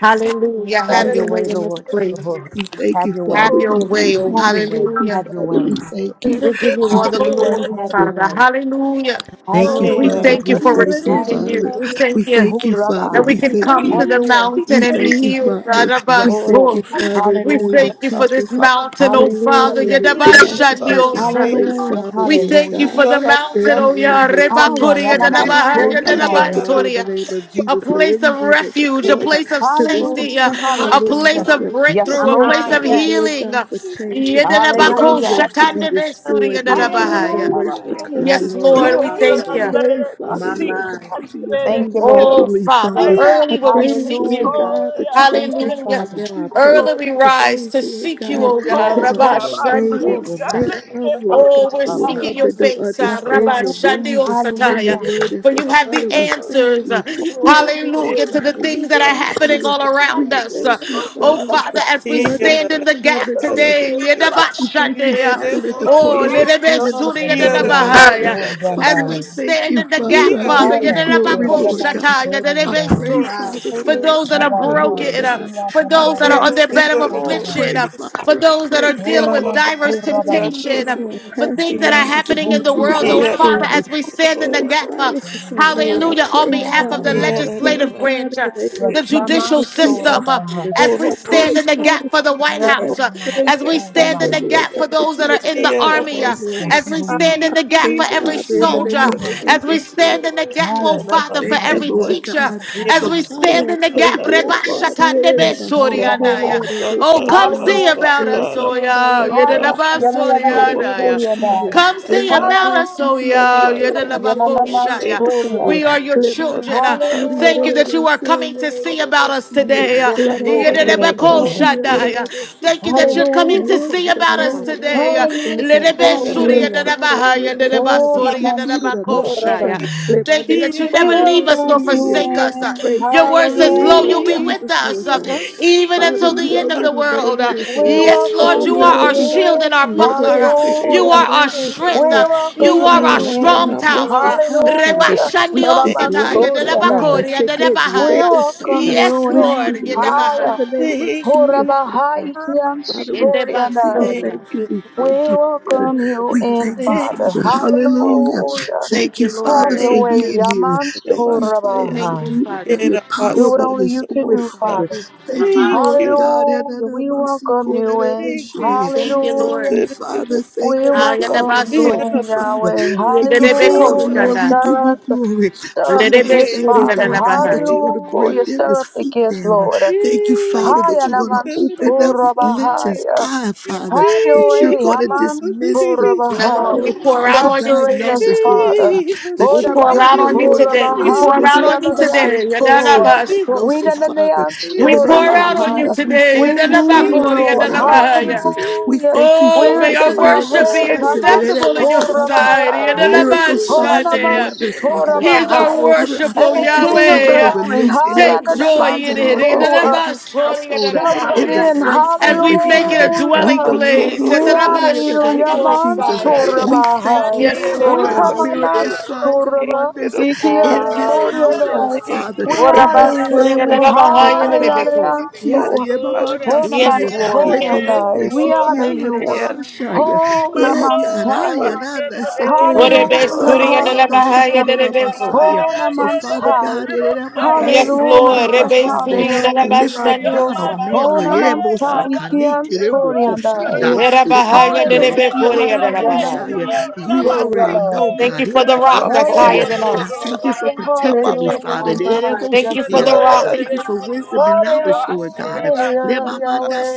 A: Hallelujah.
E: Have
A: Have
D: Thank
E: your
A: your
D: you,
A: way
E: way,
A: in
D: Father.
A: this
E: Lord.
A: place.
D: We thank
E: Have
D: you,
E: your way.
A: Have
D: Father.
A: your
D: We
A: way.
D: thank
A: Oh,
D: you.
E: Have
D: We
E: your
D: thank
E: way.
D: you,
E: Have
A: hallelujah.
E: your
D: Father. We
E: way.
D: thank you.
A: We give you
D: We
E: Have
A: all the
E: your
D: thank you,
E: way.
A: glory,
E: Have your
D: Father.
A: Father.
E: way.
A: Hallelujah.
E: Have
D: Thank
E: your
D: you,
A: We
E: way.
D: Father.
E: Have
A: thank you
E: your
D: We
A: for
E: way.
D: thank you,
E: Hi.
A: receiving you.
D: Father.
A: We
D: We
A: thank you
D: thank you, Father.
A: that we
D: We
E: Hurabaya.
A: can
D: thank
A: come
D: you.
A: to
E: Have
A: the
E: your way.
A: mountain
D: We
A: and
D: thank
A: be
D: you,
A: healed
D: Father.
A: out of our
E: Yes,
D: We thank
E: Lord.
D: you,
A: soul.
D: Father, in the
A: We
D: name
E: Hallelujah.
A: thank
D: of
A: you for this
D: Jesus.
A: mountain, oh
D: Pray,
A: Father.
D: Father,
E: Hallelujah.
D: Lord God, for Deborah. I
A: Yadabashandiosa.
D: pray,
E: Hallelujah.
D: Father,
A: We
D: Lord
A: thank you
E: Hallelujah.
D: God,
A: for the
D: for
A: mountain, oh
D: everyone, her
E: Hiya,
D: team,
A: Yarebakuria,
E: yanamam
D: Father. I pray,
E: sori
A: Dadabahaya,
D: Father,
E: anai.
D: Father, in the name
A: Dadabasoria.
D: of
A: A
D: Jesus, for
A: place of
D: everyone that will
A: refuge, a
D: come
F: Lord,
A: place of
D: to this
A: safety, uh,
E: Hallelujah.
D: retreat
A: a
D: conference,
E: Hallelujah.
A: place of
D: Father. I
E: Yes,
A: breakthrough,
H: My
A: a
D: pray,
E: Lord.
A: place
H: mind,
A: of
D: Father, Lord
H: yes.
A: healing.
D: God, for chains to be
A: Yadadabako,
D: broken,
E: Hallelujah.
D: yokes to be
A: Shakandebe,
D: destroyed, Lord God,
A: Suriyadadabahaya.
E: Hallelujah.
D: generational
H: My
E: Hallelujah.
A: Yes,
D: curses
H: Lord.
D: done
A: Lord, we thank you.
H: Hallelujah.
D: pray, Father,
H: My
D: Lord God,
H: mind.
D: that you would
E: Thank you,
D: move
E: Lord.
A: Oh,
D: mightily,
A: Father,
D: Father. I
A: early will we
D: pray,
A: seek
D: Lord
A: you.
E: Hallelujah.
D: God, that you would
E: Thank you,
D: touch
A: Hallelujah.
D: right
E: Father.
D: now. I pray
A: Early we
D: for
A: rise
D: those,
A: to
D: Lord
A: seek you,
D: God,
A: oh
E: Yes,
A: God.
E: Lord.
D: that are
A: Rabba
D: saved,
E: Hallelujah.
D: that will
A: Shandiosa.
D: make come, Lord God,
A: Oh, we're
D: that will
A: seeking
E: Higher.
D: come,
A: your
D: that don't
A: face, ah,
E: Yes,
D: understand
A: Rabba
E: Lord.
D: your move and
A: Shandiosataya.
D: your
E: Hallelujah.
D: word. And
A: For
D: so,
A: you have the
D: Father, we thank
A: answers. uh,
D: you. We thank you,
A: Hallelujah to the
D: Father. We
A: things that are
D: thank
A: happening
D: you.
A: all
D: We
A: around us. uh.
D: thank you,
A: Oh,
D: Father, that the
A: Father, as we
D: portals
A: stand
D: of
A: in the
D: heaven,
A: gap
D: Lord
A: today, Yedaba
D: we thank you,
A: Shandia.
D: Father, that the
I: Yandere
A: Oh,
D: portals of
A: little bit
D: heaven is
A: sooner than the
D: open,
E: Reverend
D: Father.
A: Bahia.
E: Sori and
A: As
D: Father, I
A: we
E: I.
D: thank
A: stand
D: you,
A: in the
D: Father.
A: gap,
D: I give
A: Father,
D: you
E: Higher.
A: Yedanabakosaya.
D: glory,
A: For those
D: Lord
E: Yandadaman
A: that
D: God.
E: Sori
D: I
E: and I.
D: pray,
H: My,
D: Father, for our
A: are
E: Rabba
D: pastor, Lord
E: High.
A: broken, uh,
D: God.
A: for
D: I
A: those that are
D: pray,
E: Niyatananaman
A: on their bed of
D: Father. I
A: affliction,
D: pray,
E: Surabai.
A: uh,
D: Father.
A: for
D: I
A: those that
D: pray,
A: are dealing
D: Father
A: with
E: Onaman
A: diverse
D: pray,
E: Suraba.
D: Father,
A: temptation, uh,
D: for our
A: for
D: pastor,
A: things that are
E: Kian
F: Yeah,
D: Pastor
A: happening in the
E: Sori and
D: Demetrius
A: world,
D: and
A: oh
D: his
F: Era
A: Father,
E: Yansai.
D: family.
A: as we
D: I
A: stand in the
D: pray,
A: gap, uh,
D: Father, for
E: Yananaman
D: Charmaine. I
A: hallelujah, on
D: pray,
A: behalf
E: Suraba
A: of the
D: Father,
E: High.
D: Lord
A: legislative
D: God, in
A: branch, uh,
D: the name of
A: the
E: Yes,
D: Jesus,
A: judicial
E: Laman
D: for Keisha,
A: system, uh,
E: Suraba
D: Father.
E: High.
A: as we
D: I pray,
A: stand in the
D: Father,
A: gap for the
D: for
A: White
D: my dad.
A: House, uh,
D: I
E: Yandadaman
D: pray,
A: as we stand
E: Suraba
A: in
D: Father,
A: the
E: High.
D: Lord
A: gap
D: God,
A: for
D: that
A: those
D: you
A: that are
D: would
A: in
D: touch
A: the
D: right
A: army,
D: now,
A: uh,
D: Lord
E: Yes,
A: as
D: God.
A: we
E: Lord.
A: stand
D: I
A: in the gap gap
D: pray,
A: for every
D: Father, in the name
A: soldier,
D: of
E: Hallelujah.
A: as
D: Jesus,
A: we
D: Lord God.
A: stand in the gap, oh
E: Higher.
D: I
A: Father, for
D: thank you,
A: every
E: Yandadaman
D: Lord
A: teacher,
D: God.
E: Suraba
A: as
D: So
A: we
E: High.
A: stand
D: Father, I
A: in the
D: pray,
A: gap.
D: Lord
A: Reba
D: God, in
A: shakande
D: the
A: be
D: name of
A: sori
D: Shandeli,
E: Masuraba
A: andaya.
D: in the
A: Oh, come
D: Bokosi, in
A: see
E: Hallelujah.
A: about
D: the
A: us, oh
D: Kamada,
A: yeah,
D: in the
E: Haya.
A: yedelaba sori
D: Bashandeli, in
E: Yananaman
D: the
A: andaya.
E: Surya
D: Bosi,
E: Daya.
A: Come see about
D: Lemane
A: us,
E: Hallelujah.
A: oh
D: Siki, in
A: yeah,
D: the Maya,
A: yedelaba
D: in the
E: Yananaman
A: koshaya.
E: Surya.
D: Basataya,
A: We are your
D: Lemama
A: children. Uh,
D: Sikuri, in
A: Thank you
E: Hallelujah.
D: the
A: that you are
D: Mese,
A: coming to
D: in
A: see
D: the
A: about us
D: Bosi,
A: today. Uh,
E: Yes,
D: La la
E: Lord.
D: la la
E: Thank
A: yedelaba
E: you,
F: la
E: Savior.
D: Mandasi, in
F: base.
A: koshadaya.
D: the
A: Thank you that
D: Boshiki,
A: you're coming
E: Hallelujah.
A: to
D: yes,
A: see
F: Ooh,
A: about
D: Kaya,
A: us
F: God,
D: in
F: thank
D: the
A: today.
F: you.
A: Thank you
D: Basata.
E: Hallelujah.
D: I
F: Thank
D: pray,
E: Hallelujah.
D: Father, Lord God, in the
E: Oh, Naman
D: Basikuri, in the
E: Surya
D: Bashanda.
E: Daya.
A: that you
E: We
A: never leave us
E: welcome
A: nor
E: you
D: Lemanesikieleleboshia.
A: forsake us.
D: I
E: in.
D: pray,
A: Your
D: Father,
A: word
D: in the
A: says, Lo,
D: name of
A: you'll be
E: Hallelujah.
A: with
D: Jesus, Lord
A: us uh,
D: God.
A: even
D: Father,
A: until
D: you
A: the end of the
D: already know,
A: world. Uh,
D: Lord
E: We
D: God.
A: Yes,
D: And
A: Lord,
D: so,
E: welcome
A: you are
E: you
D: Father,
A: our
D: we thank
A: shield
E: in.
A: and our
D: you.
A: buckler. Uh, You
E: Hallelujah.
A: are our
E: We
A: strength.
D: Ememesikieleleboshia.
A: Uh,
D: So,
A: You
E: welcome
A: are
D: Father,
A: our
E: you
D: again, we
A: strong
E: in.
D: bless
A: tower.
D: this
A: Uh,
D: house,
A: Reba
D: Father.
E: Hallelujah.
D: We
A: shandi
E: But I'm
D: speak
E: on
D: life,
A: osataya,
F: you,
D: God.
F: Jesus.
E: sorry
A: dedebakori,
E: We
F: Thank
A: dedebahaya.
E: welcome
F: you,
A: Yes,
E: you
D: We
F: Jesus.
A: Lord.
D: speak
E: in
D: life
E: higher.
D: in the
A: Gedebahaya.
D: name of
F: Thank
D: Jesus,
F: you,
D: Lord God.
E: Horabahaikian
D: Father, we thank you.
E: Soriana.
D: We
F: thank
A: Edebasoria.
D: thank you.
F: you,
D: We
F: Lord.
D: thank
E: We
D: you.
E: welcome you
D: We
E: in,
D: thank you,
F: Thank
E: Father.
D: Father.
F: you,
D: Hallelujah.
F: Jesus.
E: Hallelujah.
A: Thank
D: Thank you,
A: you,
E: Have
D: Father,
A: Lord.
E: your
D: for
F: Thank
E: way,
F: you,
D: being here.
E: Yaman
D: Thank you, Father,
F: Lord.
D: for
A: Thank you,
E: Sorabahai.
D: moving by
A: Father.
D: your
F: Era
E: Do
D: power,
E: what
D: by
F: basso
E: only
F: da
D: your
E: you can
D: spirit,
E: do,
F: robosa.
D: Father.
A: Thank
E: Father.
A: you.
H: my
D: Thank you,
H: mind.
F: Thank
D: Lord
F: you, God.
D: God.
E: Hallelujah. We
D: Thank
E: welcome you in.
F: Thank you,
A: Thank you,
F: Jesus.
E: Hallelujah.
A: Lord.
D: you,
F: Era
D: Father.
F: basso.
E: We
D: Thank you,
E: welcome
D: Father.
E: you
A: Ayadabaso.
F: Era
D: Thank you,
F: basso.
E: in,
D: Father.
E: Yahweh.
D: Thank you,
A: Yedebe
D: Father,
F: Era
E: Hallelujah.
D: Lord.
F: basso.
D: We
A: koshanda.
D: give
E: Stir
D: you
E: up the
D: glory.
E: Stir up
D: Father,
E: the
D: I
A: Ledebe
E: gifts,
F: Hey,
D: thank you,
E: Father.
D: Lord
F: God.
D: God, that
A: surigadalabahai.
D: you're
F: Hey,
D: going to bring
E: Hallelujah.
F: kutundu.
E: Stir
D: Deborah's
E: up the
D: feet
E: gifts,
D: down. I
E: Lord.
D: Thank you,
F: Hey,
D: Father, that
E: Haya
D: you're going
F: God.
D: to
E: Naman
F: Era
D: open up
F: basso.
D: Linton's
E: Surabahaya.
D: eye,
H: Yes.
D: Father
E: Have your
D: that you're
E: way,
F: Hey,
D: going to
E: Aman
F: God.
D: dismiss the
A: Dear Lord,
E: Surabahaya.
A: we
D: Bell
A: pour out
D: palsy
A: on you
E: Saturate
A: today.
E: us,
D: diagnosis, Lord
E: Father.
D: God,
F: Hey,
A: We
D: that you're
F: Mashiach.
A: pour
E: Hodaman
D: going
A: out
D: to,
A: on
F: Era
A: you
D: Lord
A: today.
D: God,
A: We pour
E: Surabahaya
D: dismiss
A: out
D: the
A: on you
F: basso.
E: Kiananayan
A: today.
D: prostate cancer
E: Sura.
F: Thank
A: Yadalabaso.
D: diagnosis, Father.
E: Winanayan
D: In
F: you,
A: We
D: the
A: pour
D: name of
A: out on
F: Jesus.
A: you
E: Suramahaya.
D: Jesus, we
A: today.
E: We
D: thank you,
E: need
D: Father,
E: you,
F: Thank
A: Yedelabakori,
D: in
F: you,
D: the
E: Lord.
D: name
F: God.
D: of
F: Thank
A: yedelabahaya.
D: Jesus.
F: you.
D: We
E: Hallelujah.
D: thank you,
E: We
A: Oh,
F: Thank
A: may
D: Father,
E: lift
D: for
E: up
A: our
F: you,
E: our
H: Yes,
D: miracle
A: worship
H: you
A: be
F: God.
E: heads,
D: signs
F: And
H: do.
D: and
F: it
E: Aman
A: acceptable in your
F: was
A: sight.
E: Surabahaya.
F: it and it
D: Miracle
H: Hallelujah.
D: signs
F: was
D: and
F: uh,
E: Honaman
A: Yedelabashanea.
D: wonders, Father.
A: Here's
D: So,
H: Yes.
A: our
E: Surabahaya.
D: Father,
A: worship,
D: I
A: oh
E: And the
D: thank you
H: Yes.
E: King
D: that you're
E: of
H: yes.
D: going
F: yeah.
D: to
A: Yahweh.
E: Glory,
D: release
H: Hallelujah.
E: Haya
A: Take
D: miracle
A: joy
E: Naman
D: signs
A: in
F: Or
D: and
A: it.
F: Ora
D: wonders
F: baba
D: in this
A: Yedelabasori,
D: household,
E: shall
F: terrible.
E: come
D: in the
A: yedelabahaya.
E: in.
H: Hallelujah.
D: Frank
A: As
E: Hallelujah.
A: we
D: family,
A: make it
D: Father
A: a
D: we
A: dwelling
F: So no
D: believe
A: place.
F: no
D: you,
E: We
F: no no.
D: Father,
E: honor
D: in the
F: Thank
E: you,
D: name
F: you,
D: of
E: Yaman
D: Jesus.
A: Yedelabashaneosaya.
F: God.
H: Hallelujah.
D: We thank
E: Sorabahai.
D: you,
A: Yes,
F: Thank
E: We
D: Father,
F: you,
D: for
A: Lord.
E: come
F: God.
E: on
D: miracle
I: Masia
H: Hallelujah.
D: signs and
F: Thank
I: Rokaya,
E: Soraba,
F: you,
D: wonders
E: Ikian
D: in this
F: God.
I: Yandere
H: Hallelujah.
D: household,
E: Soriadai.
F: Thank
D: Father,
F: you,
E: We
I: Masia
D: in this
E: honor
A: Worabasuri,
F: yeah,
D: family,
I: Rabashiro,
E: you,
F: the
D: Father,
A: yedelebahaya,
D: in the
F: Messiah.
D: name
A: yedelebeku.
E: Hallelujah.
D: of
F: yeah,
D: Jesus.
E: So,
F: the
I: Yora
E: Honaman
A: Yes,
F: Messiah.
D: Yebamandasiya,
I: Rabaya,
A: Lord.
H: Yes.
I: yes,
D: lekomonde
E: Soriadai. We
I: Yora
E: honor you,
F: yeah.
I: Reshi,
F: the
D: sikialananamashaya,
I: Himano
E: Honaman Sai.
I: Rabakandere
A: What a
D: egarayananasekola,
I: Siaba,
E: Hallelujah,
F: Glory,
A: and the
I: Yandere
F: yeah,
A: Bahaya
E: hallelujah.
A: and the Beko.
D: lemamandasikolonabasaya. So,
E: Honaman
D: Father God,
E: Sai.
I: Sirokaya
F: okay,
A: Yes,
F: yeah, Baba.
A: Lord,
E: Hallelujah,
A: Rebe suiting and the
D: Lift
E: hallelujah.
D: up
I: Reshiraya,
D: Donald
A: Bashandiosa.
I: Yamano
D: Manley.
E: Ona
I: Kaya
D: Yerebo
E: mansai
D: Sakani
E: kian
I: Rabasia
D: Tirebo
E: sori andai.
D: Koshanda.
A: Era
I: Rosharabaya.
A: Bahaya and the
I: Thank
D: Lekamande
I: you
F: Ora
I: for the
A: Beko and the
E: Hallelujah.
A: Bahaya.
E: Yanana
D: Sikialararamoshaya. You already
F: baba,
E: mansorabai.
D: know,
A: Thank
D: God.
A: you for the
F: ora
A: rock that's higher
D: Hebamanasia.
H: Yes,
A: than
F: baba,
D: And
H: yes.
D: I
I: rock that
A: us.
D: thank you for
E: Hallelujah.
I: guided us.
F: baba
D: protecting me,
F: baba.
D: Father.
H: My
I: Thank you
E: Hallelujah.
I: for the
D: Yerebo
H: mind.
I: rock. Thank you
A: Thank
I: for
E: Yes,
A: you
I: the
A: for the
D: Shikia.
F: Yeah, da da
E: Lord.
A: rock.
D: Thank you for wisdom
I: rock
D: and
I: that
D: knowledge, Lord God.
E: Hallelujah.
F: da
D: Lemamanda
E: Yahweh.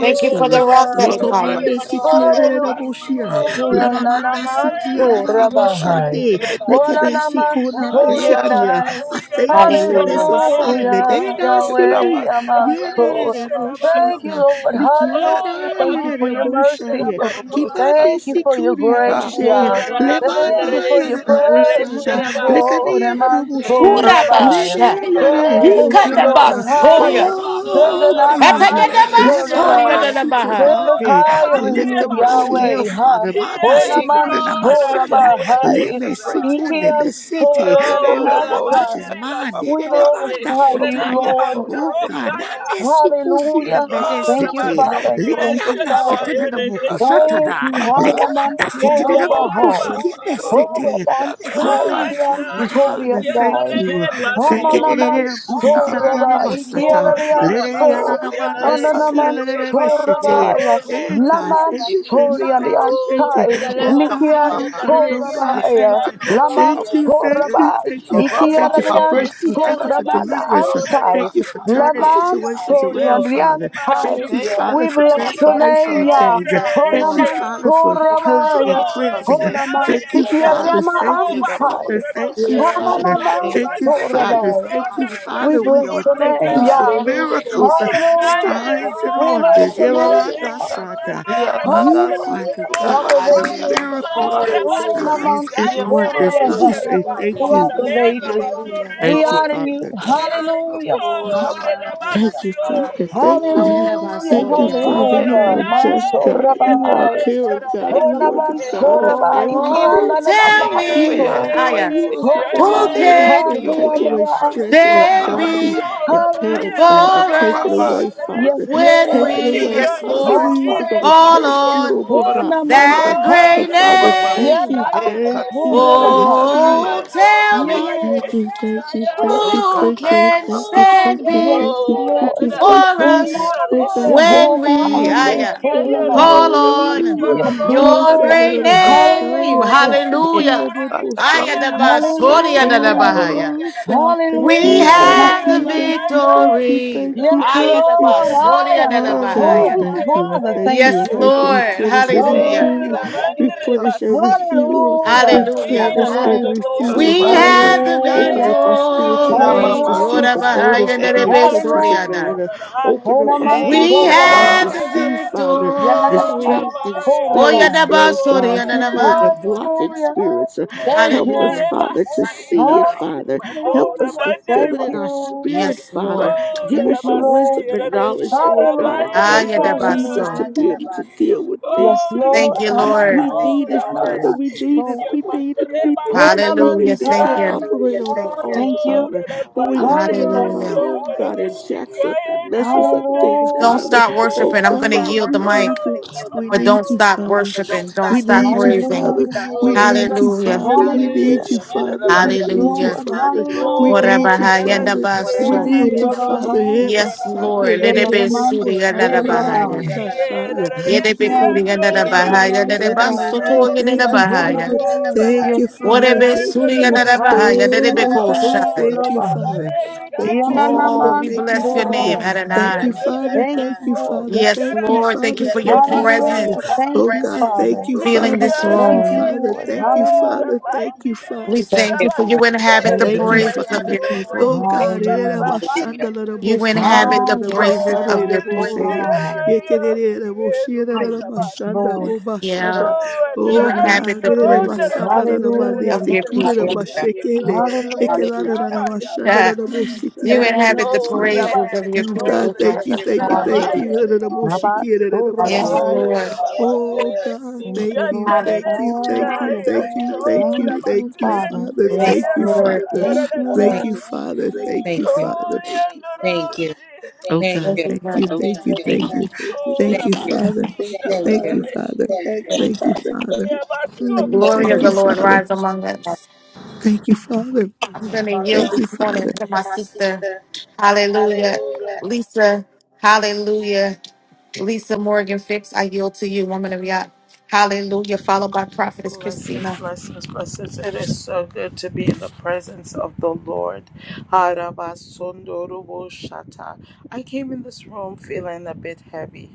A: Thank you for the rock that is
F: Thank
A: higher.
D: Lekomande Sikiadaramoshia.
F: you,
E: Hallelujah,
D: Lamamanda
E: Nanaman
F: rutita
E: Sorabahai.
D: Sikiadararabashande.
F: de
D: Lekebe
E: Olanaman
D: Sikonande
F: piana
D: Sikia.
E: Soriandai.
D: I thank you for this
A: Hallelujah.
I: guided
D: assignment.
E: Hallelujah,
F: de
D: Dena
E: Yahweh,
D: siri,
I: us.
F: yuramas
E: Yaman So.
F: katora
D: yenere
E: Thank you,
D: moshanda,
E: Lord.
I: Oh,
E: Hallelujah.
D: likiana
F: nana
E: Thank you for
D: yenere
E: your mercy.
D: moshaye,
I: Rabbi,
F: korobus
D: kibande
E: Thank you for your
D: sikuri
F: tata
E: grace,
D: mashaye,
I: Oh,
E: Yah. Thank you
D: lemana
E: for
I: Ramandares,
F: we
E: your
D: yenere mosada,
F: thank
E: presence,
F: you
I: Sharabaya,
F: spirit of
E: Lord.
D: lekani yenere
E: Yaman
F: living
D: moshiye,
F: God
E: Sorabahai.
I: Yandaroso,
A: Hurabasha.
D: lene
F: ora
D: yenere
E: Thank you,
F: teke
I: Sharabas,
E: Lord.
D: moshanda.
E: Haya.
A: Yikatabasoya.
F: korobus
E: Sega
D: Oh
I: Oh,
F: tata
D: God,
E: Nanaman
F: thank
I: Ramandares,
F: you God
A: Atayadabasoya
D: lemana
E: Sorabahai.
A: de
I: Sharabas,
A: la
E: Take
A: Bahaya.
I: Oh,
F: thank
E: us
D: shikomande.
F: God
D: I
E: higher
F: de
E: in
D: lift
E: you,
D: up
I: Ramandares,
F: devotion
D: Raphael,
E: Yahweh. Ha.
D: Father, manda
E: Ona
I: Yes,
F: thank
E: man
D: sikona
F: you
D: na
I: Rora,
F: God for
E: sora
F: your
D: mashanda,
I: Rakaya,
F: anointing
E: bahai.
F: that
D: leme
F: breaks it.
I: Sharabaya,
E: Iki
D: sikone
E: an
D: mesete.
F: God it
I: Oh,
F: in
D: Oh
F: a
D: God, touch
F: motion
D: his
I: Ramandares,
D: mind.
E: We
F: Baba
I: Kora,
E: glorify you,
D: Dededabandashataya.
E: Lord.
I: Sharabanda,
D: Oh God,
I: Rokaya,
E: Hallelujah.
F: Siha,
I: Oh,
E: Thank you,
D: nanesikusikaberesete.
F: no
E: Father.
I: Ramandares,
E: Thank
F: tondo
E: you,
F: mo
E: Father.
I: Sharabaya,
F: katata
E: Thank
D: Likianasetededabukusatada.
E: you,
F: baba,
E: Haya man
F: ropo
E: sora
F: popo
E: bahai.
I: Sharabaya,
F: toro
E: Ora
D: Likabandasitededabukuksikebesete.
F: na
I: Oh,
E: bansai
F: na
D: Father,
E: ki an
D: Father,
E: sori
D: Father,
F: na
E: andai.
D: thank you. Thank you.
F: masekereya.
E: Amanamansora
F: Thank you,
D: Dedededabushikanananamasata.
E: ikiararianso
F: Jesus. Sekatata,
D: Ledediananamandasikielelelebeshete.
F: hela
E: ananamansorabaya baya
D: Eh, God, thank you, thank you,
E: lamansoria
F: ibutai
D: thank you, thank you.
E: liansai
F: na
D: Oh
F: na
D: God, oh
F: mama,
D: God, oh
E: likiansora
D: God,
E: baya
D: thank you.
F: hekato
D: Thank
F: baba
D: you,
E: lamansora
D: thank
F: masi.
D: you,
E: baya
D: thank you.
F: Roba
D: Thank you for
F: papa,
D: breakthrough. Thank
F: dara
D: you
E: ikiarariansora
D: for
E: bana
D: deliverance. Uh,
E: ansai
F: masekereya.
D: Thank you for turning
F: Hekato
D: situations
E: lamansoria
D: around,
F: mosi.
D: Father.
E: liansai
D: Thank you,
F: Thank
H: Yes.
E: we
D: Father, for
E: bless
F: you,
E: your
F: Jesus.
D: transformation
E: name
D: and
E: ya
F: Thank
D: change. Uh,
A: Yes,
D: Thank you,
A: Lord.
I: Thank
D: Father,
I: you.
D: for
E: honamansora
I: We
D: purging
E: baya
D: and
F: you,
I: are in
F: Jesus.
D: cleansing. Uh,
F: Thank
I: Sirebe,
D: Thank you,
H: Yes.
D: Father.
E: honamanstikirema
D: Thank
F: you,
D: you,
I: Sherebandoroba,
E: ansai
F: Baba.
D: Father. Thank
F: Sata.
D: you, Father.
H: Yes.
F: Thank you, Baba. Sata. Thank you,
D: Thank you,
F: God.
D: Father.
E: Hananamansorabaya.
D: Thank you,
I: Sikayaronde,
F: Thank you,
E: We
D: Father.
F: Jesus.
D: We
E: bless
D: are
E: your
D: thanking
E: name,
D: you
F: Thank
I: Rebashikondorelaya.
D: for
E: Yah.
H: Hallelujah.
D: miracles, uh,
F: you,
E: Hallelujah.
I: Kikaye,
F: Jesus.
D: signs, and
E: We
F: Thank
D: wonders.
E: bless your
D: Yehovah
F: you,
H: Hallelujah.
E: name, Yah.
F: Baba.
D: Nasa.
F: Iya na na
D: You are
E: Hallelujah.
D: the
F: sukuda
E: Rock of
D: God
I: Oh,
D: of
F: bashia ya
E: ages.
A: Hallelujah.
D: miracles
F: Baba saya.
H: Hallelujah.
D: signs and
F: Iya na na
H: Mama,
D: wonders.
F: na
D: And
H: yes,
D: we
F: na
E: Runamansorabaya.
D: say thank
F: sukuda
A: Yes,
D: you.
E: Rock of
A: Lord.
F: bashike.
E: ages.
A: Hallelujah.
E: We
D: Thank you,
F: Glory,
E: honor you.
D: Father.
E: Hallelujah.
F: alabasoto
I: Oh,
F: da bashe.
H: mama, yes,
D: Thank you, Father.
F: Thank
D: Thank
H: hallelujah.
F: God,
D: you.
F: we
E: Hallelujah.
F: thank
D: Thank
F: you.
D: you,
A: Ayadabasoya.
D: Father.
I: Oh,
F: Thank
D: You are
F: you
E: Hallelujah.
D: a
F: for your
D: just
I: Raya,
D: God.
I: get
F: presence,
D: You are a
F: God.
E: Mansorabaya.
I: the shut
D: caring
I: up.
D: God.
F: Thank
D: You are the God of
F: presence,
E: Onamansorabaya.
F: God.
D: everything.
A: Oh, tell
F: Thank you for
A: me,
D: Yes,
F: your
E: Ikiananamanso.
A: ah,
D: God,
A: yeah.
D: you are
F: anointing,
D: the
F: God.
D: God
A: who
D: of
E: Onamansorabaya.
F: Thank
D: everything.
A: can
F: you for
D: Take
F: your
D: away stress and
F: mercies,
A: stand
F: God.
E: Hallelujah.
D: anxiety
A: before
D: and
F: Ta-
D: panic,
F: ta-
D: Father.
F: ta-
E: Hallelujah.
F: ba-
D: Take
F: ba-
D: it
F: ba.
A: us
D: away,
E: Yes,
D: Father.
A: when
D: Take
E: Lord.
D: it
A: we,
F: Here,
D: away,
F: na- na- na-
A: yes,
F: na-
D: Father.
A: Lord,
D: we either going to
E: Hi.
A: call
F: see.
D: trust you or
A: on
D: we're
E: Oh,
F: Horrible
D: not, Father.
A: that
E: namansa.
I: Oh,
D: So,
A: great
F: Shataya
D: Father,
F: Baba Ba.
D: thank
E: Yana
A: name?
D: you,
F: Hey
D: thank you,
F: Kandorobo
D: thank
E: ansorabahai.
D: you.
A: Oh,
F: Shataya.
A: tell
F: Yeah,
E: Yana
A: me,
D: Thank
F: Baba.
D: you, thank you, thank
F: Le
D: you,
E: namansorabahai.
A: who
I: Rabbi,
D: thank you,
F: Katata
A: can
D: thank
F: Baba
D: you,
F: Ba.
D: thank you,
A: stand
D: thank
E: Yes,
D: you,
I: Oh,
D: thank
E: Lord.
D: you, thank
A: for
E: Oh,
D: you.
I: Radanabasia,
A: us
D: Oh God,
E: na.
F: Yes.
D: thank
A: when
E: Hoba
A: we ah,
D: you.
F: Mm.
D: Yes,
A: yeah,
D: God,
A: call
F: Yeah,
A: on
E: Yes,
D: hallelujah.
A: your
D: Yes,
F: Baba.
D: and
E: Lord.
A: great
D: the
A: name.
D: Bashaya, the
E: Hallelujah.
F: Hey
D: city,
A: Hallelujah.
D: and the
F: Katata
A: Aya
F: Baba
A: da
D: Boshaya.
A: ba, soria da da
E: Hallelujah.
A: ba,
F: Siri.
D: Oh God, thank
A: We
D: you,
F: Hey,
E: Hallelujah.
F: da, da,
D: thank
F: ba,
A: have the
D: you, thank you,
E: Hallelujah.
F: da.
D: thank you,
F: Yes.
A: victory.
D: thank you,
E: Yes,
A: Aya
D: thank
A: da
D: you.
A: ba,
E: Lord. Hi.
A: soria da da ba,
D: Father, I
E: Oh,
D: thank
F: Ooh,
D: you. I
E: Father,
D: thank
E: thank
D: you.
A: Yes,
D: I
E: you.
D: thank you.
F: oh,
A: Lord.
D: Replenish and
F: Thank
A: Hallelujah.
F: you,
D: refuel.
E: Hallelujah.
F: Jesus.
D: Replenish and
F: Thank
I: Resha.
F: you.
D: refuel.
E: Hallelujah.
A: Hallelujah.
I: Mira,
F: Thank
D: Replenish and
E: Hallelujah.
I: mandorro,
F: you, Lord,
D: refuel,
A: We
F: about
D: Father.
I: shirai,
A: have the
F: Shataya.
I: kiae,
D: Open
E: Hallelujah.
D: up our
I: siro,
F: Mm,
D: spiritual
F: na,
D: eyes
A: victory.
D: to
F: mama.
I: rarare,
D: see
A: Yora
E: Hallelujah.
D: the
A: ba,
I: siro,
D: motives
A: aya, da
D: and
F: Thank
A: da
D: the
F: you.
A: be,
D: intentions of
A: da.
E: Hallelujah.
D: man. Uh,
I: rarabandoro, rarai.
D: Open up our
E: Onaman
F: Thank
A: We
D: spiritual
F: you,
D: eyes
E: Sorabai.
I: Oh,
D: to
A: have
F: God. Thank
A: the
D: see,
F: You
D: Father,
I: rarabasiro,
E: Yanadaman
A: victory.
D: distracting
I: rabaya,
A: Oh,
D: spirits,
E: Sorabai.
I: kio,
D: Lord
A: yadabaso,
D: God, hindering
A: yanadamande.
D: and
I: rarai.
D: blocking
E: Hallelujah.
D: spirits. Uh,
E: Thank
D: Help us,
E: you.
I: Enere,
A: Hallelujah.
D: Father, to
I: basira,
D: see it, Father. Help
I: mandora,
D: us
E: Hallelujah.
D: to feel it
E: Thank
D: in
I: bandereba.
D: our
E: you.
D: spirit,
A: Yes,
D: Father
A: Lord.
I: Oh,
D: Give
I: that
E: Thank
I: I
D: us
E: you,
D: your
I: must see
E: Lord.
D: wisdom
I: it, and
D: and
I: it
D: knowledge, Lord
I: shall
D: God,
I: abide.
D: in the
E: Hallelujah.
A: Ah,
D: name of Jesus,
A: yadabaso.
D: to be
E: Hallelujah.
D: able to deal with
E: Yes,
D: things
I: Oh,
D: and
I: that I
D: people.
E: Lord.
A: Thank you,
I: must see,
A: Lord.
D: We
E: Amanai.
I: oh,
D: need
I: that
D: it,
I: I
D: Father.
I: must
E: Yanadaman
D: We
I: see
D: need it.
E: So.
I: yeah,
D: We
I: man,
D: need
I: the
D: it. We
I: rebel,
D: need it.
I: oh,
D: We
E: Honaman
I: Lord,
A: Hallelujah.
D: need it.
I: shall
A: Thank
D: Can't
I: I.
A: you.
E: Sai.
D: operate on our own,
E: Thank
I: Oh,
E: you.
D: Father.
I: that I
D: When we
I: must see it,
D: operate
I: my
D: on our
A: Hallelujah.
E: Hallelujah.
D: own,
I: soul, that
D: God,
I: it
D: it
I: is she,
D: jacks up
I: I
D: and
I: am the
D: messes up
I: only.
D: things,
A: Don't
E: Hallelujah,
D: Father.
A: stop
D: Oh,
A: worshiping. I'm
I: Oh,
A: going to
I: that I
D: God,
A: yield
I: must,
A: the
D: we
A: mic,
D: need you.
I: oh,
D: We
A: but
D: need
A: don't
D: you,
A: stop
D: Father.
A: worshiping. Don't
D: We
A: stop
D: need you,
A: praising.
D: Father.
E: hallelujah,
D: We need you,
A: Hallelujah.
I: that
D: Father. We
E: hallelujah.
D: need you,
I: I
D: Father.
I: must see
D: We
I: it.
E: Yes,
D: need you,
A: Hallelujah.
E: Lord,
D: Father.
I: Hallelujah.
D: We
E: hallelujah.
D: need
I: Oh,
D: you,
I: da
A: Orabaha
I: da da,
D: Father.
I: shire, shire,
D: We
A: yadabaso.
E: Oh,
D: need you,
I: ro,
D: Father.
I: shire,
D: Hey,
E: Rabbi,
D: my
A: Yes,
I: da man,
D: son,
I: da
D: they
A: Lord.
D: let
I: re, Yes,
D: it
A: Lerebe
D: go.
I: shire,
D: Go,
I: ba.
E: Yanadamans,
A: suri
I: Lord. Let it
E: oh,
D: shanda,
I: be
D: la, la,
A: yadabahaya.
I: city
D: man,
E: Rabbi.
D: da,
I: and the Yeah, da Bahaya. da
D: shaya.
I: da,
A: Yedebe
D: Oh
I: shire,
E: Vikian,
A: kuri
D: God,
I: no, da, yeah,
D: thank
I: yo,
D: you.
I: re,
A: yadabahaya.
I: shiro, da
D: Thank
I: da,
D: you,
E: Sariyabalansai,
I: shire,
A: Yadabaso to
I: re,
D: Father. Thank you,
E: oh,
A: yadabahaya.
D: Father.
I: da da
E: Namai.
I: da,
D: Thank
E: Yes,
D: you, Father.
A: Whatever
E: Lord,
D: Thank
A: Suri
I: da.
A: and
D: you.
I: What a be
A: Arabahaya,
I: city
A: that
E: Hallelujah,
A: it
I: and
A: be
I: the
D: Oh
E: man's,
A: called
D: God,
I: Bahaya, let Oh,
E: oh,
I: it be Oh, da da
D: thank
I: da,
D: you,
I: Kosha.
E: Rabbi.
D: Father.
I: re,
D: Thank
I: shande,
D: you,
I: re,
A: Oh,
D: Father.
I: ba.
A: we
E: Yanadamans,
D: Thank you,
A: bless
E: oh,
A: your
D: Father.
A: name,
I: Thank you for
E: Rabbi.
D: Thank you,
A: Adonai.
I: name
D: Father.
E: Thank you,
D: Thank
I: Adonai. Yes,
D: you,
E: Lord.
D: Father.
A: Yes,
D: Thank you,
A: Lord, thank you
D: Father.
A: for your
D: Thank you,
I: Lord, thank you
D: Father.
E: Hallelujah.
I: for your
A: presence
E: Thank
D: Oh
E: you,
D: God,
I: presence.
D: thank
E: Father.
I: Thank
D: you,
I: you for
A: filling
D: Father.
A: this
D: Thank
E: Thank
D: you,
E: you,
A: room.
I: your
D: Father.
E: Lord.
I: visitation.
D: Thank you,
I: We
D: Father.
E: Hallelujah.
D: Thank you,
A: We
D: Father.
B: Thank
A: thank
B: you,
A: you for
B: God.
A: you
I: thank you
A: inhabit the
B: Thank
I: for
E: Thank
B: you,
D: Thank
I: you
D: you,
E: you.
A: praises of
I: inhabit
D: Father.
A: your
I: the
A: people.
D: Oh God,
I: praises
E: Hallelujah.
I: of
D: Oh
I: your
A: You
I: people.
A: inhabit the
I: You in
A: praises of
I: heaven,
E: Hallelujah.
I: the
A: your
I: voices of
A: people.
I: your people.
B: Hallelujah.
E: Yes, Lord.
A: Yeah,
I: Yeah. You
A: you inhabit the
I: lloró, in te heaven, the
A: praises
I: voices of your people. You in
E: Hallelujah.
A: of your people.
I: heaven,
E: Hallelujah.
B: Hallelujah. Hallelujah.
A: *laughs* you inhabit the
D: God,
A: praises of
I: the la
A: your
D: God,
A: people,
I: voices
D: thank
I: Bless
D: you,
A: Father.
I: you, God,
D: thank
I: thank
D: you,
I: Rabbi.
D: thank
B: Hallelujah.
D: you.
E: Maba-
B: Hallelujah.
A: Yes,
E: Sorabahai.
I: Oh,
A: Lord.
D: Oh
I: Rabandere
D: God,
E: Thank
D: thank
E: you,
D: you,
E: Lord.
I: Sikiandere
A: Hallelujah.
D: thank
I: Thank
D: you, thank
E: Ah,
D: you,
E: yeah.
I: Shiraya.
D: thank you, thank
I: Oh,
D: you,
E: Thank
D: thank
E: you,
D: you,
E: Father.
D: Father,
B: Thank,
D: thank
A: Yes,
D: you,
A: Lord.
D: Father.
E: Thank you,
D: Thank
B: thank,
I: Rabandere
D: you,
E: Lord.
D: Father. Thank you,
B: thank you.
D: Father.
I: Sikiaya
B: Thank you.
I: Thank
D: Oh
B: Thank
I: you,
D: God,
A: Thank
B: you.
A: you,
D: thank you,
I: Father. Rokayaradadabash. Thank you, Father. Oh, Thank you, Father. Yandoroshi.
A: Father.
I: Oh
D: thank
I: God,
D: you,
I: thank you,
B: Thank
D: thank
B: you.
D: you.
I: thank Oh,
D: Thank you,
I: Rabasi,
B: Thank
D: Father. Thank
B: you.
D: you,
I: Rabandere
D: Father.
I: Thank
D: Thank you,
I: you,
D: Father.
I: Shiraya
A: The
D: Mm,
A: glory
D: thank
A: of the
D: you,
A: Lord
D: Father.
A: rise among us.
D: Thank you, Father.
A: I'm going to yield
D: Thank
A: this
D: you, Father.
A: morning to my sister.
I: Father. Basokondo. Mm. Rabash.
A: Hallelujah.
I: Oh,
A: Lisa, hallelujah. Lisa Morgan Fix, I yield to you, woman of God. Hallelujah. Followed by Prophetess
F: Blessings,
A: Christina.
F: blessings, blessings. It is so good to be in the presence of the Lord. Harabasondorobo shata. I came in this room feeling a bit heavy.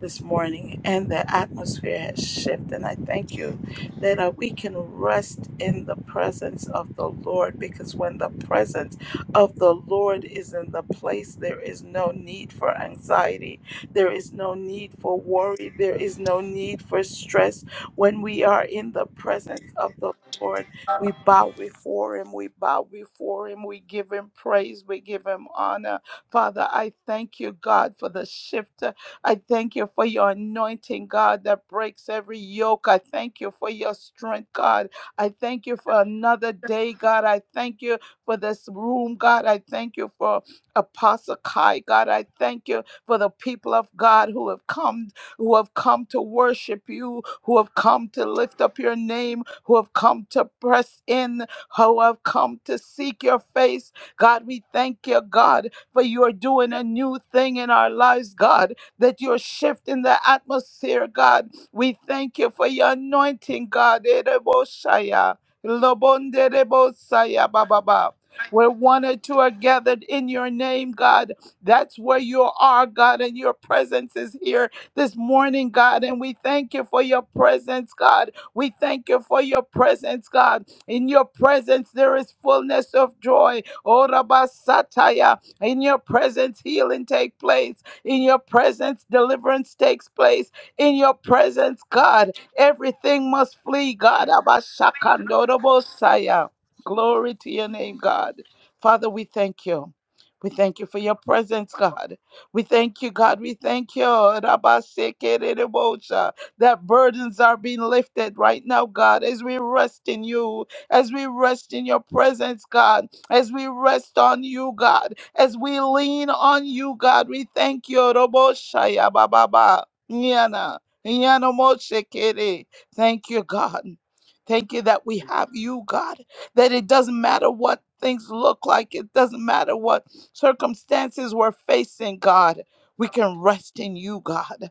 F: this morning, and the atmosphere has shifted. And I thank you that uh, we can rest in the presence of the Lord because when the presence of the Lord is in the place, there is no need for anxiety, there is no need for worry, there is no need for stress. When we are in the presence of the Lord, we bow before him. We bow before him. We give him praise. We give him honor. Father, I thank you, God, for the shift. I thank you for your anointing, God, that breaks every yoke. I thank you for your strength, God. I thank you for another day, God. I thank you for this room, God. I thank you for Apostle Kai, God. I thank you for the people of God who have come, who have come to worship you, who have come to lift up your name, who have come to press in, who have come to seek your face. God, we thank you, God, for you are doing a new thing in our lives, God that you're shifting the atmosphere, God. We thank you for your anointing, God. Ereboshaya, lobonderebosaya, bababa. Where one or two are gathered in your name, God, that's where you are, God, and your presence is here this morning, God. And we thank you for your presence, God. We thank you for your presence, God. In your presence, there is fullness of joy. Oh, Rabba Sataya, in your presence, healing take place. In your presence, deliverance takes place. In your presence, God, everything must flee, God. Abashakandorobosaya. Glory to your name, God. Father, we thank you. We thank you for your presence, God. We thank you, God. We thank you. Rabasekeredebosha, That burdens are being lifted right now, God, as we rest in you, as we rest in your presence, God as we rest on you, God, as we lean on you, God. We thank you, Robo Shaya Baba Ba, Nyana, Nyana Mo Shekere. Thank you, God. Thank you that we have you, God, that it doesn't matter what things look like, it doesn't matter what circumstances we're facing, God. We can rest in you, God.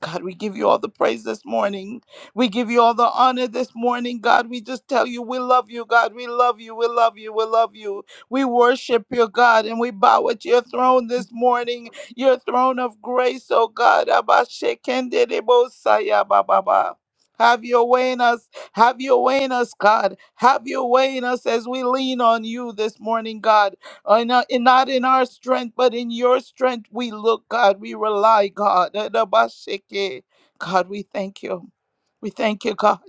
F: God, we give you all the praise this morning. We give you all the honor this morning. God, we just tell you we love you. God, we love you. We love you. We love you. We worship you, God, and we bow at your throne this morning, your throne of grace, oh God. Abba, shekende de bo saya ba ba ba. Have your way in us. Have your way in us, God. Have your way in us as we lean on you this morning, God. Uh, not, in- not in our strength, but in your strength we look, God. We rely, God. *laughs* Adabaseke. God, we thank you. We thank you, God.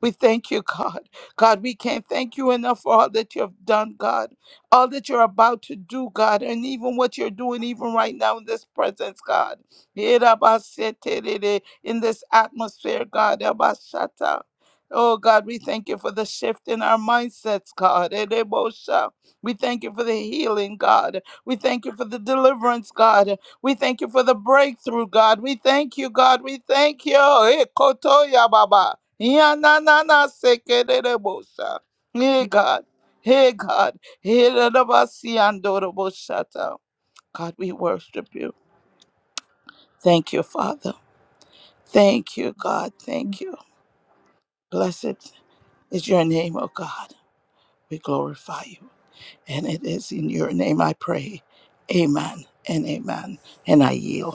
F: We thank you, God. God, we can't thank you enough for all that you have done, God. All that you're about to do, God, and even what you're doing, even right now in this presence, God. Erabaseterere, In this atmosphere, God. Abashata. Oh, God, we thank you for the shift in our mindsets, God. Erebosha. We thank you for the healing, God. We thank you for the deliverance, God. We thank you for the breakthrough, God. We thank you, God. We thank you. Eh, kotoya baba. Ya na na na sekerebosa. Hey God. Hey God. Hey rabasiandoroboshata. God, we worship you. Thank you, Father. Thank you, God. Thank you. Blessed is your name, O God. We glorify you. And it is in your name I pray. Amen and amen. And I yield.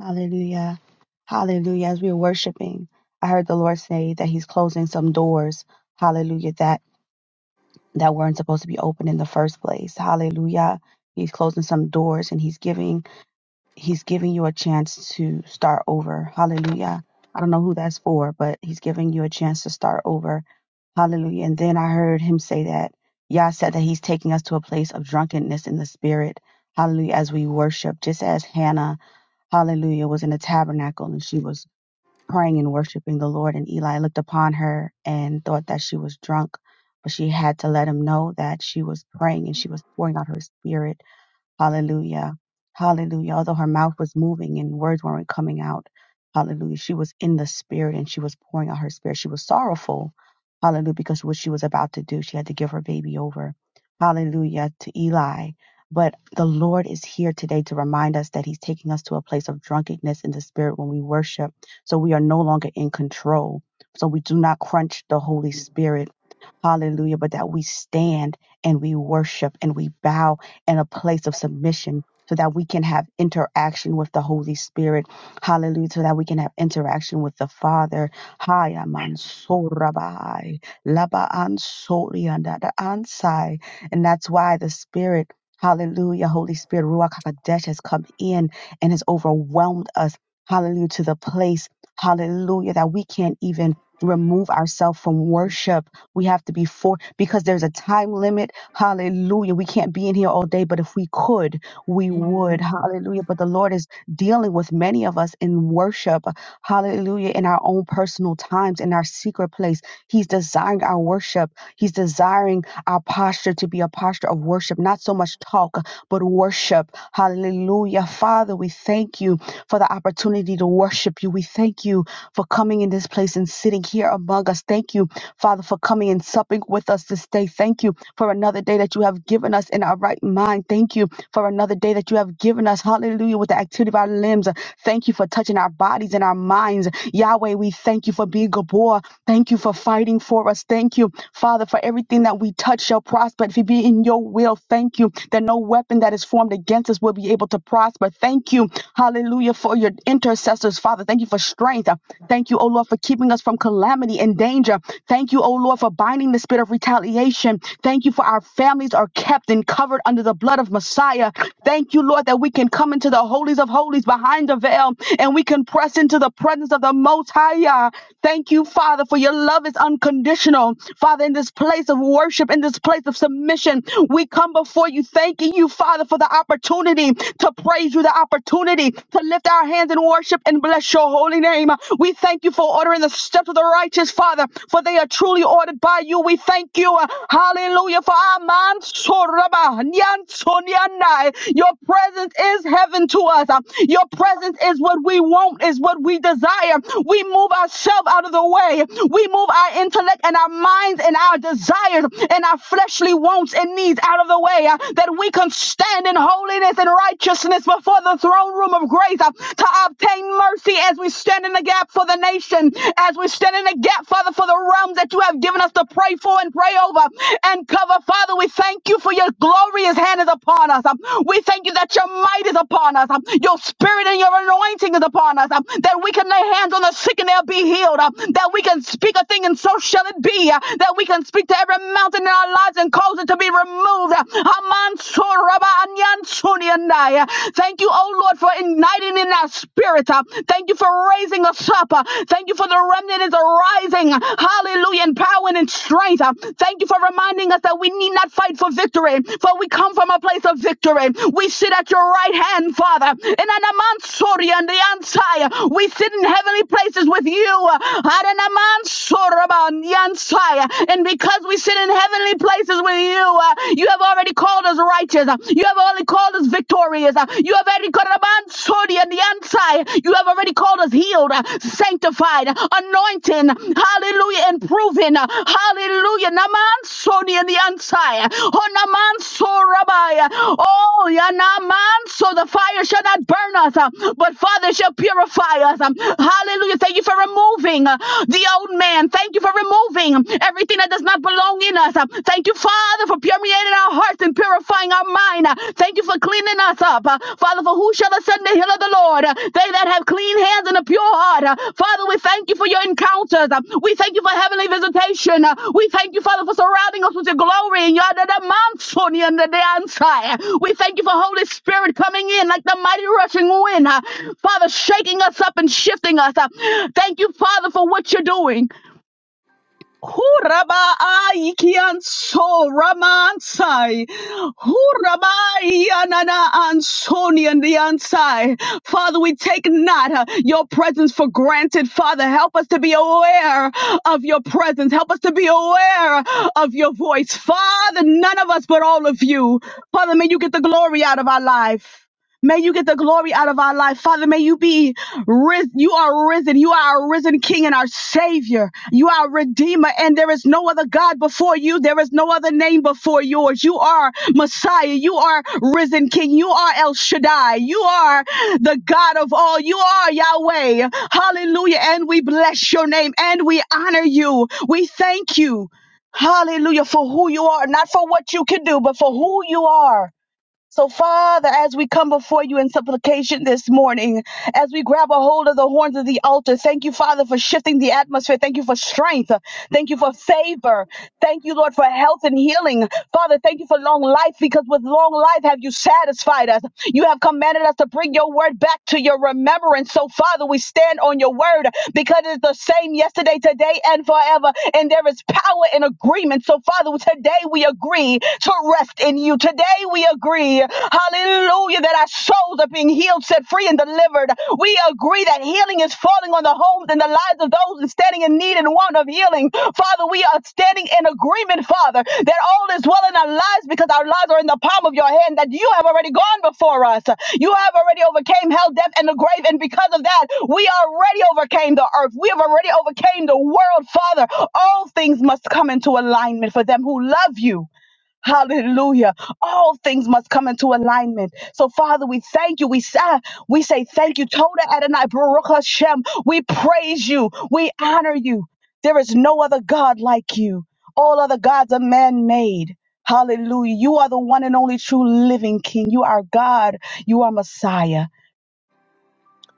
E: Hallelujah. Hallelujah. As we are worshiping, I heard the Lord say that He's closing some doors. Hallelujah. That that weren't supposed to be open in the first place. Hallelujah. He's closing some doors and He's giving He's giving you a chance to start over. Hallelujah. I don't know who that's for, but he's giving you a chance to start over. Hallelujah. And then I heard him say that Yah said that he's taking us to a place of drunkenness in the spirit. Hallelujah. As we worship, just as Hannah, hallelujah, was in the tabernacle and she was praying and worshiping the Lord. And Eli looked upon her and thought that she was drunk, but she had to let him know that she was praying and she was pouring out her spirit. Hallelujah. Hallelujah. Although her mouth was moving and words weren't coming out. Hallelujah. She was in the spirit and she was pouring out her spirit. She was sorrowful. Hallelujah. Because what she was about to do, she had to give her baby over. Hallelujah to Eli. But the Lord is here today to remind us that He's taking us to a place of drunkenness in the spirit when we worship. So we are no longer in control. So we do not crunch the Holy Spirit. Hallelujah. But that we stand and we worship and we bow and a place of submission so that we can have interaction with the Holy Spirit. Hallelujah. So that we can have interaction with the Father. Haya mansorabai, laba ansoriandada ansai. And that's why the Spirit, hallelujah, Holy Spirit, Ruach HaKodesh has come in and has overwhelmed us. Hallelujah to the place. Hallelujah that we can't even remove ourselves from worship. We have to be for because there's a time limit Hallelujah. We can't be in here all day, but if we could, we would. Hallelujah. But the Lord is dealing with many of us in worship. Hallelujah. In our own personal times, in our secret place. He's desiring our worship. He's desiring our posture to be a posture of worship, not so much talk, but worship. Hallelujah. Father, we thank you for the opportunity to worship you. We thank you for coming in this place and sitting here among us. Thank you, Father, for coming and supping with us this day. Thank you for another day that you have given us in our right mind. Thank you for another day that you have given us. Hallelujah. With the activity of our limbs. Thank you for touching our bodies and our minds. Yahweh, we thank you for being Gabor. Thank you for fighting for us. Thank you Father, for everything that we touch shall prosper. If it be in your will, thank you that no weapon that is formed against us will be able to prosper. Thank you, hallelujah, for your intercessors, Father. Thank you for strength. Thank you, O Lord, for keeping us from calamity and danger. Thank you, O Lord, for binding the spirit of retaliation. Thank you for our families are kept and covered under the blood of Messiah. Thank you, Lord, that we can come into the holies of holies behind the veil and we can press into the presence of the Most High. Thank you, Father, for your love is unconditional. Father, in this place of worship, in this place of submission, we come before you thanking you, Father, for the opportunity to praise you, the opportunity to lift our hands in worship and bless your holy name. We thank you for ordering the steps of the righteous, Father, for they are truly ordered by you. We thank you, hallelujah, for our minds. Soraba, nyan, so, nyan, nai. Your presence is heaven to us. Your presence is what we want, is what we desire. We move ourselves out of the way. We move our intellect and our and our minds and our desires and our fleshly wants and needs out of the way, uh, that we can stand in holiness and righteousness before the throne room of grace uh, to obtain mercy as we stand in the gap for the nation, as we stand in the gap, Father, for the realms that you have given us to pray for and pray over and cover. Father, we thank you for your glorious hand is upon us. um, We thank you that your might is upon us. um, Your spirit and your anointing is upon us. um, That we can lay hands on the sick and they'll be healed. um, That we can speak a thing and so shall shall it be uh, that we can speak to every mountain in our lives and cause it to be removed. Uh, Uh, Thank you, oh Lord, for igniting in our spirit. uh, Thank you for raising us up. uh, Thank you for the remnant is arising. uh, Hallelujah, in power and in strength. uh, Thank you for reminding us that we need not fight for victory, for we come from a place of victory. We sit at your right hand, Father, in Anamansori and the Ansai. We sit in heavenly places with you. Adanamansoraba uh, Yansai, uh, and because we sit in heavenly places with you, uh, you have already called us righteous. uh, You have already called us victorious. uh, You have already called us Mansuri and Yansai. You have already called us healed, uh, sanctified, uh, anointing, hallelujah, and proven. uh, Hallelujah. Namansoni and the Yansai. Oh, Namanso Rabbi. Oh, Yanamanso, the fire shall not burn us, uh, but Father shall purify us. um, Hallelujah. Thank you for removing uh, the old man. And thank you for removing everything that does not belong in us. Uh, Thank you, Father, for permeating our hearts and purifying our mind. Uh, Thank you for cleaning us up. Uh, Father, for who shall ascend the hill of the Lord? Uh, They that have clean hands and a pure heart. Uh, Father, we thank you for your encounters. Uh, We thank you for heavenly visitation. Uh, We thank you, Father, for surrounding us with your glory and your under the mountain and the downside. We thank you for Holy Spirit coming in like the mighty rushing wind. Uh, Father, shaking us up and shifting us. Uh, Thank you, Father, for what you're doing. Huraba aikian so ramansai. Huraba ianana ansoni and the ansai. Father, we take not uh, your presence for granted. Father, help us to be aware of your presence. Help us to be aware of your voice. Father, none of us but all of you. Father, may you get the glory out of our life. May you get the glory out of our life. Father, may you be risen. You are risen. You are our risen King and our Savior. You are our Redeemer, and there is no other God before you. There is no other name before yours. You are Messiah. You are risen King. You are El Shaddai. You are the God of all. You are Yahweh. Hallelujah. And we bless your name and we honor you. We thank you. Hallelujah for who you are, not for what you can do, but for who you are. So, Father, as we come before you in supplication this morning, as we grab a hold of the horns of the altar, thank you, Father, for shifting the atmosphere. Thank you for strength. Thank you for favor. Thank you, Lord, for health and healing. Father, thank you for long life because with long life have you satisfied us. You have commanded us to bring your word back to your remembrance. So, Father, we stand on your word because it is the same yesterday, today, and forever. And there is power in agreement. So, Father, today we agree to rest in you in you. Today we agree, hallelujah, that our souls are being healed, set free, and delivered. We agree that healing is falling on the homes and the lives of those standing in need and want of healing. Father, we are standing in agreement, Father, that all is well in our lives because our lives are in the palm of your hand, that you have already gone before us. You have already overcame hell, death, and the grave. And because of that, we already overcame the earth. We have already overcame the world, Father. All things must come into alignment for them who love you Hallelujah. All things must come into alignment. So, Father, we thank you. We say, we say thank you. Toda Adonai, Baruch Hashem. We praise you. We honor you. There is no other God like you. All other gods are man made. Hallelujah. You are the one and only true living King. You are God. You are Messiah.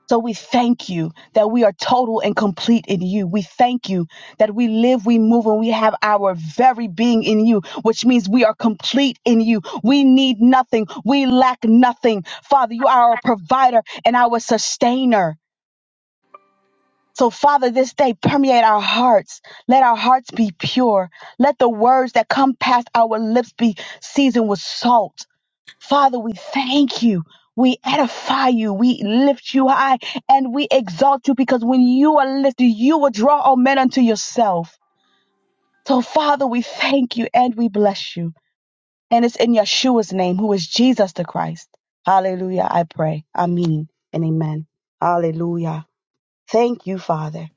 E: So we thank you that we are total and complete in you. We thank you that we live, we move, and we have our very being in you, which means we are complete in you. We need nothing. We lack nothing. Father, you are our provider and our sustainer. So, Father, this day permeate our hearts. Let our hearts be pure. Let the words that come past our lips be seasoned with salt. Father, we thank you. We edify you. We lift you high and we exalt you because when you are lifted, you will draw all men unto yourself. So, Father, we thank you and we bless you. And it's in Yeshua's name, who is Jesus the Christ. Hallelujah, I pray. Amen and amen. Hallelujah. Thank you, Father.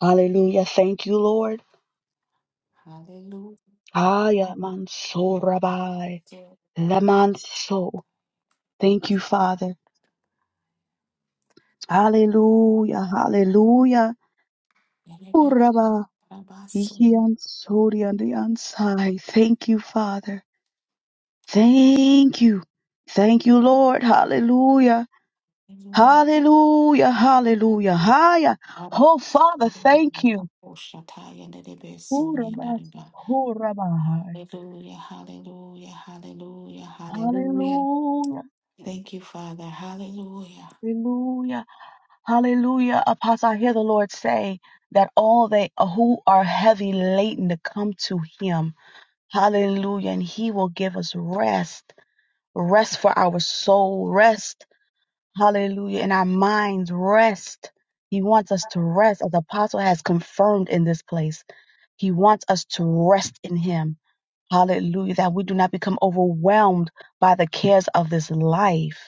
E: Hallelujah. Thank you, Lord. Aya Ayamansurabai. Lamanso. Thank you, Father. Hallelujah. Hallelujah. Uraba, iki ansori and the ansai. Thank you, Father. Thank you. Thank you, Lord. Hallelujah. Hallelujah. Hallelujah. Haya. Oh, Father, thank you. Uraba, uraba.
A: Hallelujah, hallelujah, hallelujah, hallelujah.
E: Hallelujah.
A: Thank you, Father. Hallelujah.
E: Hallelujah. Hallelujah. Apostle, I hear the Lord say that all they who are heavy laden to come to him. Hallelujah. And he will give us rest. rest for our soul, rest, hallelujah, in our minds, rest. He wants us to rest, as the apostle has confirmed in this place. He wants us to rest in him. Hallelujah, that we do not become overwhelmed by the cares of this life,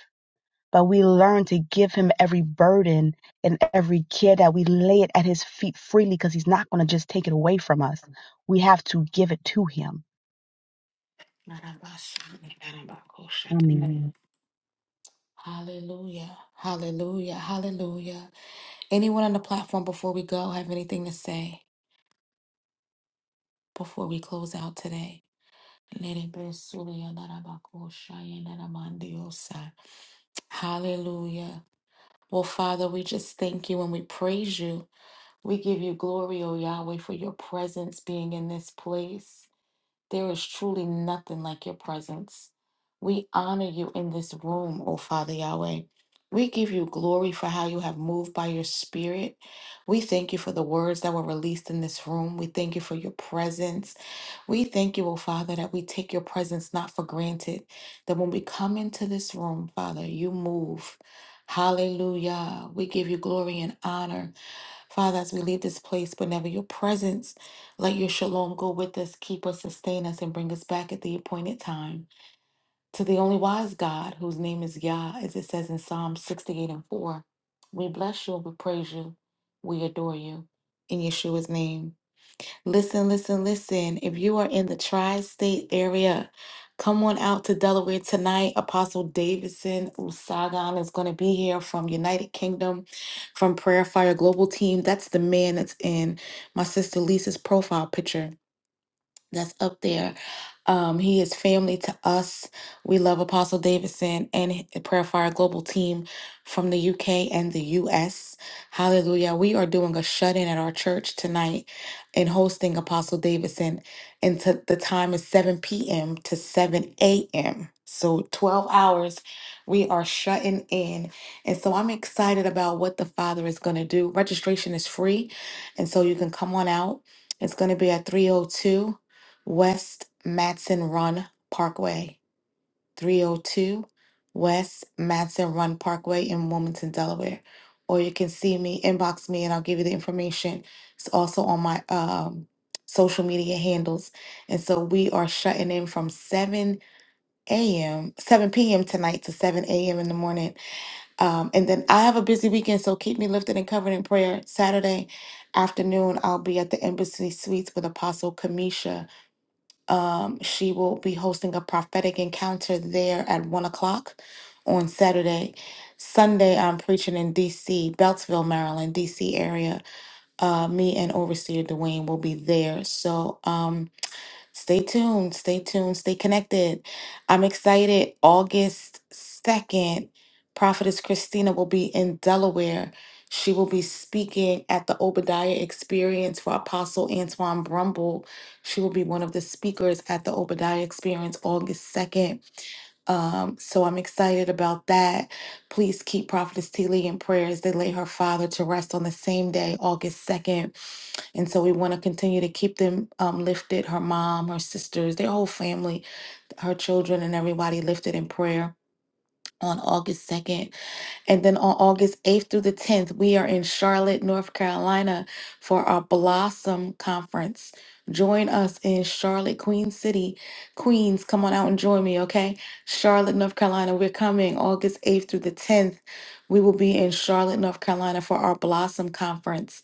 E: but we learn to give him every burden and every care that we lay it at his feet freely because he's not going to just take it away from us. We have to give it to him. Amen.
A: Hallelujah. Hallelujah. Hallelujah. Anyone on the platform before we go have anything to say before we close out today? Hallelujah. Well, Father, we just thank you and we praise you. We give you glory, O Yahweh, for your presence being in this place. There is truly nothing like your presence. We honor you in this room, O Father Yahweh. We give you glory for how you have moved by your spirit. We thank you for the words that were released in this room. We thank you for your presence. We thank you, O Father, that we take your presence not for granted. That when we come into this room, Father, you move. Hallelujah. We give you glory and honor. Father, as we leave this place, but never your presence. Let your shalom go with us, keep us, sustain us, and bring us back at the appointed time to the only wise God, whose name is Yah, as it says in Psalm 68 and 4. We bless you, we praise you, we adore you. In Yeshua's name. Listen, listen, listen. If you are in the tri state area, come on out to Delaware tonight. Apostle Davidson Usagan is going to be here from United Kingdom, from Prayer Fire Global Team. That's the man that's in my sister Lisa's profile picture that's up there. Um, he is family to us. We love Apostle Davidson and hi- the Prayer Fire Global team from the UK and the US. Hallelujah. We are doing a shut in at our church tonight and hosting Apostle Davidson. And to, the time is 7 p.m. to 7 a.m. So 12 hours we are shutting in. And so I'm excited about what the Father is going to do. Registration is free. And so you can come on out. It's going to be at 302. West Matson Run Parkway, 302 West Matson Run Parkway in Wilmington, Delaware. Or you can see me, inbox me, and I'll give you the information. It's also on my um, social media handles. And so we are shutting in from 7 a.m., 7 p.m. tonight to 7 a.m. in the morning. Um, and then I have a busy weekend, so keep me lifted and covered in prayer. Saturday afternoon, I'll be at the Embassy Suites with Apostle Kamisha um, she will be hosting a prophetic encounter there at one o'clock on Saturday. Sunday, I'm preaching in DC, Beltsville, Maryland, DC area. Uh, me and Overseer Dwayne will be there. So, um, Stay tuned, stay tuned, stay connected. I'm excited. August 2nd, Prophetess Christina will be in Delaware. She will be speaking at the Obadiah Experience for Apostle Antoine Brumble. She will be one of the speakers at the Obadiah Experience August 2nd. Um, so I'm excited about that. Please keep Prophetess T. Lee in prayers. they lay her father to rest on the same day, August 2nd. And so we want to continue to keep them um, lifted her mom, her sisters, their whole family, her children, and everybody lifted in prayer on August 2nd. And then on August 8th through the 10th, we are in Charlotte, North Carolina for our Blossom Conference. Join us in Charlotte, Queen City. Queens, come on out and join me, okay? Charlotte, North Carolina, we're coming August 8th through the 10th. We will be in Charlotte, North Carolina for our Blossom Conference.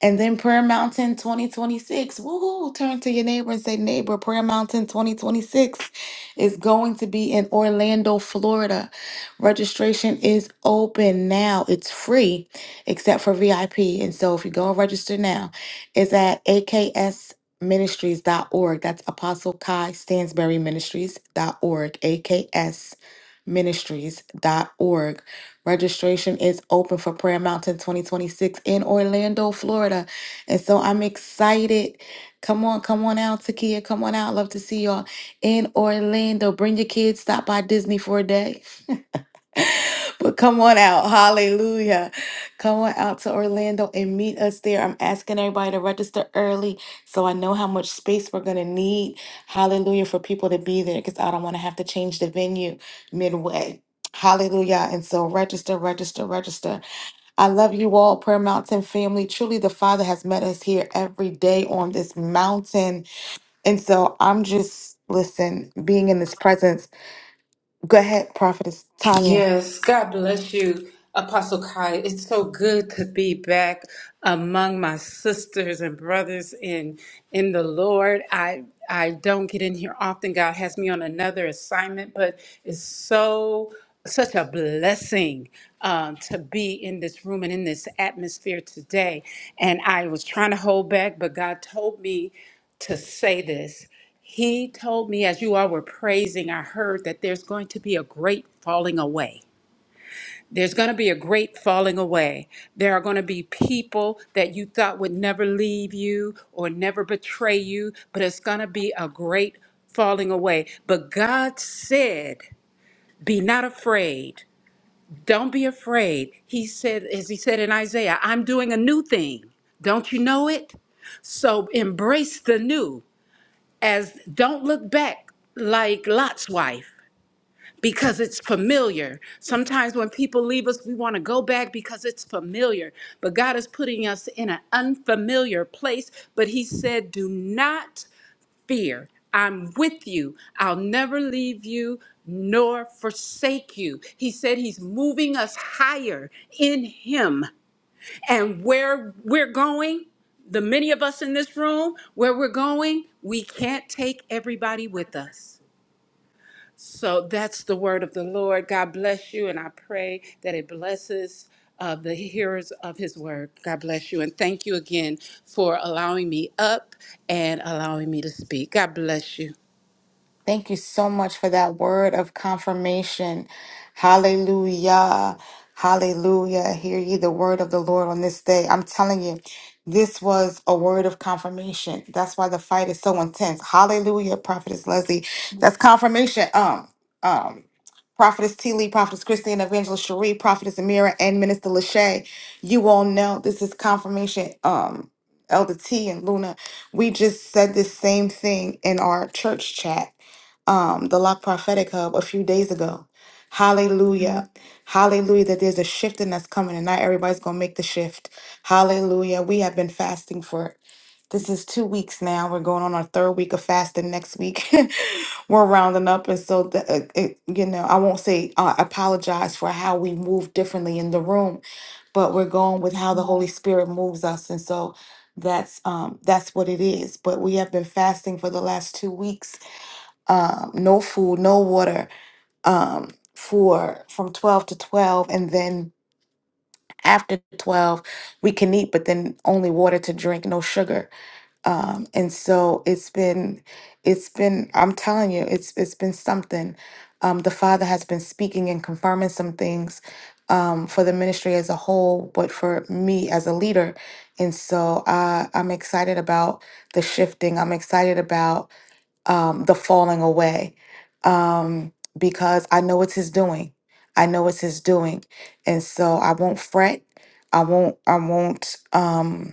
A: And then Prayer Mountain 2026. Woohoo! Turn to your neighbor and say, Neighbor, Prayer Mountain 2026 is going to be in Orlando, Florida. Registration is open now. It's free except for VIP. And so if you go and register now, it's at AKS. Ministries.org. That's Apostle Kai Stansberry Ministries.org, AKS Ministries.org. Registration is open for Prayer Mountain 2026 in Orlando, Florida. And so I'm excited. Come on, come on out, Takia. Come on out. Love to see y'all in Orlando. Bring your kids. Stop by Disney for a day. *laughs* but come on out. Hallelujah. Come on out to Orlando and meet us there. I'm asking everybody to register early so I know how much space we're going to need. Hallelujah for people to be there because I don't want to have to change the venue midway. Hallelujah. And so register, register, register. I love you all, Prayer Mountain family. Truly, the Father has met us here every day on this mountain. And so I'm just, listen, being in this presence. Go ahead, Prophetess Tanya.
J: Yes, God bless you, Apostle Kai. It's so good to be back among my sisters and brothers in in the Lord. I I don't get in here often. God has me on another assignment, but it's so such a blessing um, to be in this room and in this atmosphere today. And I was trying to hold back, but God told me to say this. He told me, as you all were praising, I heard that there's going to be a great falling away. There's going to be a great falling away. There are going to be people that you thought would never leave you or never betray you, but it's going to be a great falling away. But God said, Be not afraid. Don't be afraid. He said, as he said in Isaiah, I'm doing a new thing. Don't you know it? So embrace the new as don't look back like Lot's wife because it's familiar. Sometimes when people leave us, we want to go back because it's familiar. But God is putting us in an unfamiliar place. But He said, Do not fear. I'm with you. I'll never leave you nor forsake you. He said He's moving us higher in Him and where we're going, the many of us in this room, where we're going, we can't take everybody with us. So that's the word of the Lord. God bless you, and I pray that it blesses uh, the hearers of His word. God bless you, and thank you again for allowing me up and allowing me to speak. God bless you.
A: Thank you so much for that word of confirmation. Hallelujah. Hallelujah. Hear ye the word of the Lord on this day. I'm telling you, this was a word of confirmation. That's why the fight is so intense. Hallelujah, Prophetess Leslie. That's confirmation. Um, um, Prophetess T. Lee, Prophetess Christine, Evangelist Cherie, Prophetess Amira, and Minister Lachey. You all know this is confirmation. Um, Elder T and Luna, we just said this same thing in our church chat um, the Lock Prophetic Hub a few days ago. Hallelujah. Hallelujah. That there's a shifting that's coming and not everybody's going to make the shift. Hallelujah. We have been fasting for, it. this is two weeks now. We're going on our third week of fasting next week. *laughs* We're rounding up. And so, the, uh, it, you know, I won't say uh, apologize for how we move differently in the room, but we're going with how the Holy Spirit moves us. And so, that's um that's what it is but we have been fasting for the last 2 weeks um, no food, no water um, for from 12 to 12. And then after 12, we can eat, but then only water to drink, no sugar. Um, and so it's been, it's been, I'm telling you, it's, it's been something. Um, the Father has been speaking and confirming some things um, for the ministry as a whole, but for me as a leader. And so uh, I'm excited about the shifting. I'm excited about um, the falling away um, because I know it's his doing. I know it's his doing. And so I won't fret. I won't, I won't, um,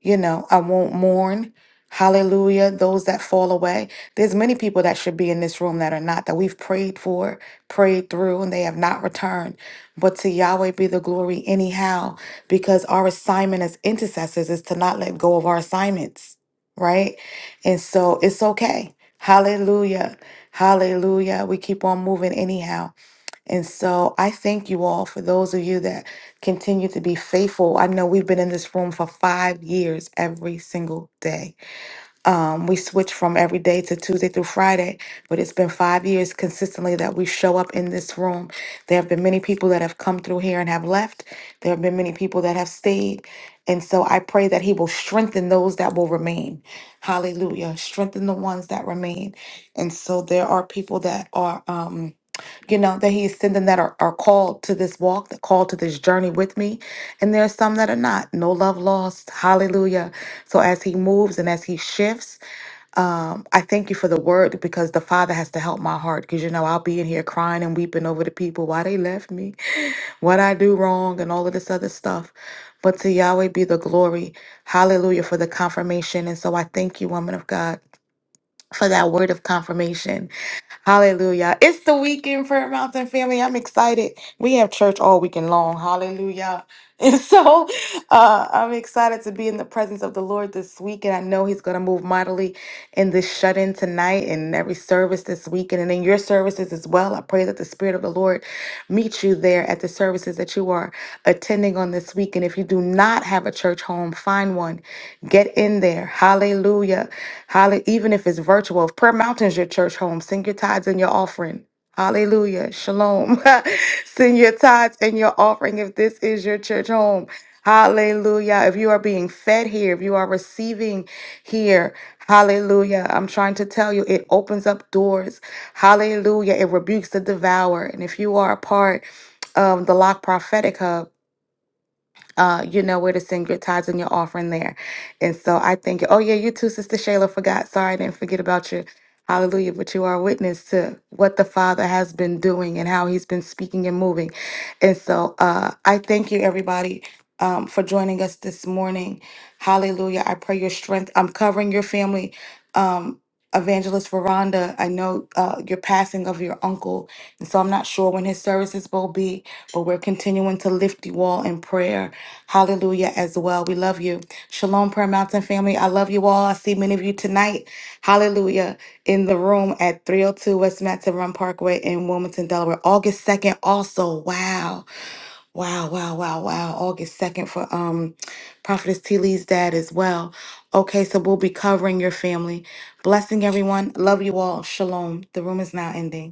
A: you know i won't mourn hallelujah those that fall away there's many people that should be in this room that are not that we've prayed for prayed through and they have not returned but to yahweh be the glory anyhow because our assignment as intercessors is to not let go of our assignments right and so it's okay hallelujah hallelujah we keep on moving anyhow and so I thank you all for those of you that continue to be faithful. I know we've been in this room for five years every single day um, we switched from every day to Tuesday through Friday, but it's been five years consistently that we show up in this room. There have been many people that have come through here and have left. There have been many people that have stayed. And so I pray that He will strengthen those that will remain. Hallelujah. Strengthen the ones that remain. And so there are people that are, um, you know, that He is sending that are, are called to this walk, that called to this journey with me. And there are some that are not. No love lost. Hallelujah. So as he moves and as he shifts, um, I thank you for the word because the Father has to help my heart because you know I'll be in here crying and weeping over the people why they left me, *laughs* *sighs* what I do wrong, and all of this other stuff. But to Yahweh be the glory. Hallelujah for the confirmation. And so I thank you, woman of God, for that word of confirmation. Hallelujah. It's the weekend, Prayer Mountain family. I'm excited. We have church all weekend long. Hallelujah. *laughs* And so uh, I'm excited to be in the presence of the Lord this week. And I know He's going to move mightily in this shut in tonight and every service this weekend and in your services as well. I pray that the Spirit of the Lord meets you there at the services that you are attending on this week. And if you do not have a church home, find one Get in there. Hallelujah. Hallelujah. Even if it's virtual, if Prayer Mountain's your church home, send your tithes and your offering. Hallelujah. Shalom. *laughs* send your tithes and your offering if this is your church home. Hallelujah. If you are being fed here, if you are receiving here, hallelujah. I'm trying to tell you, it opens up doors. Hallelujah. It rebukes the devourer. And if you are a part of the Lock Prophetic Hub, uh, you know where to send your tithes and your offering there. And so I think, oh yeah, you too, Sister Shayla, forgot. Sorry, I didn't forget about you. Hallelujah. But you are a witness to what the Father has been doing and how he's been speaking and moving. And so uh, I thank you, everybody. Um, for joining us this morning. Hallelujah. I pray your strength. I'm covering your family. Um, Evangelist Veranda, I know uh, your passing of your uncle. And so I'm not sure when his services will be, but we're continuing to lift you all in prayer Hallelujah as well. We love you. Shalom, Prayer Mountain family. I love you all. I see many of you tonight. Hallelujah. In the room at 302 West Matson Run Parkway in Wilmington, Delaware. August 2nd also. Wow. Wow, wow, wow, wow. August 2nd for um Prophetess T. Lee's dad as well. Okay, so we'll be covering your family. Blessing everyone. Love you all. Shalom. The room is now ending.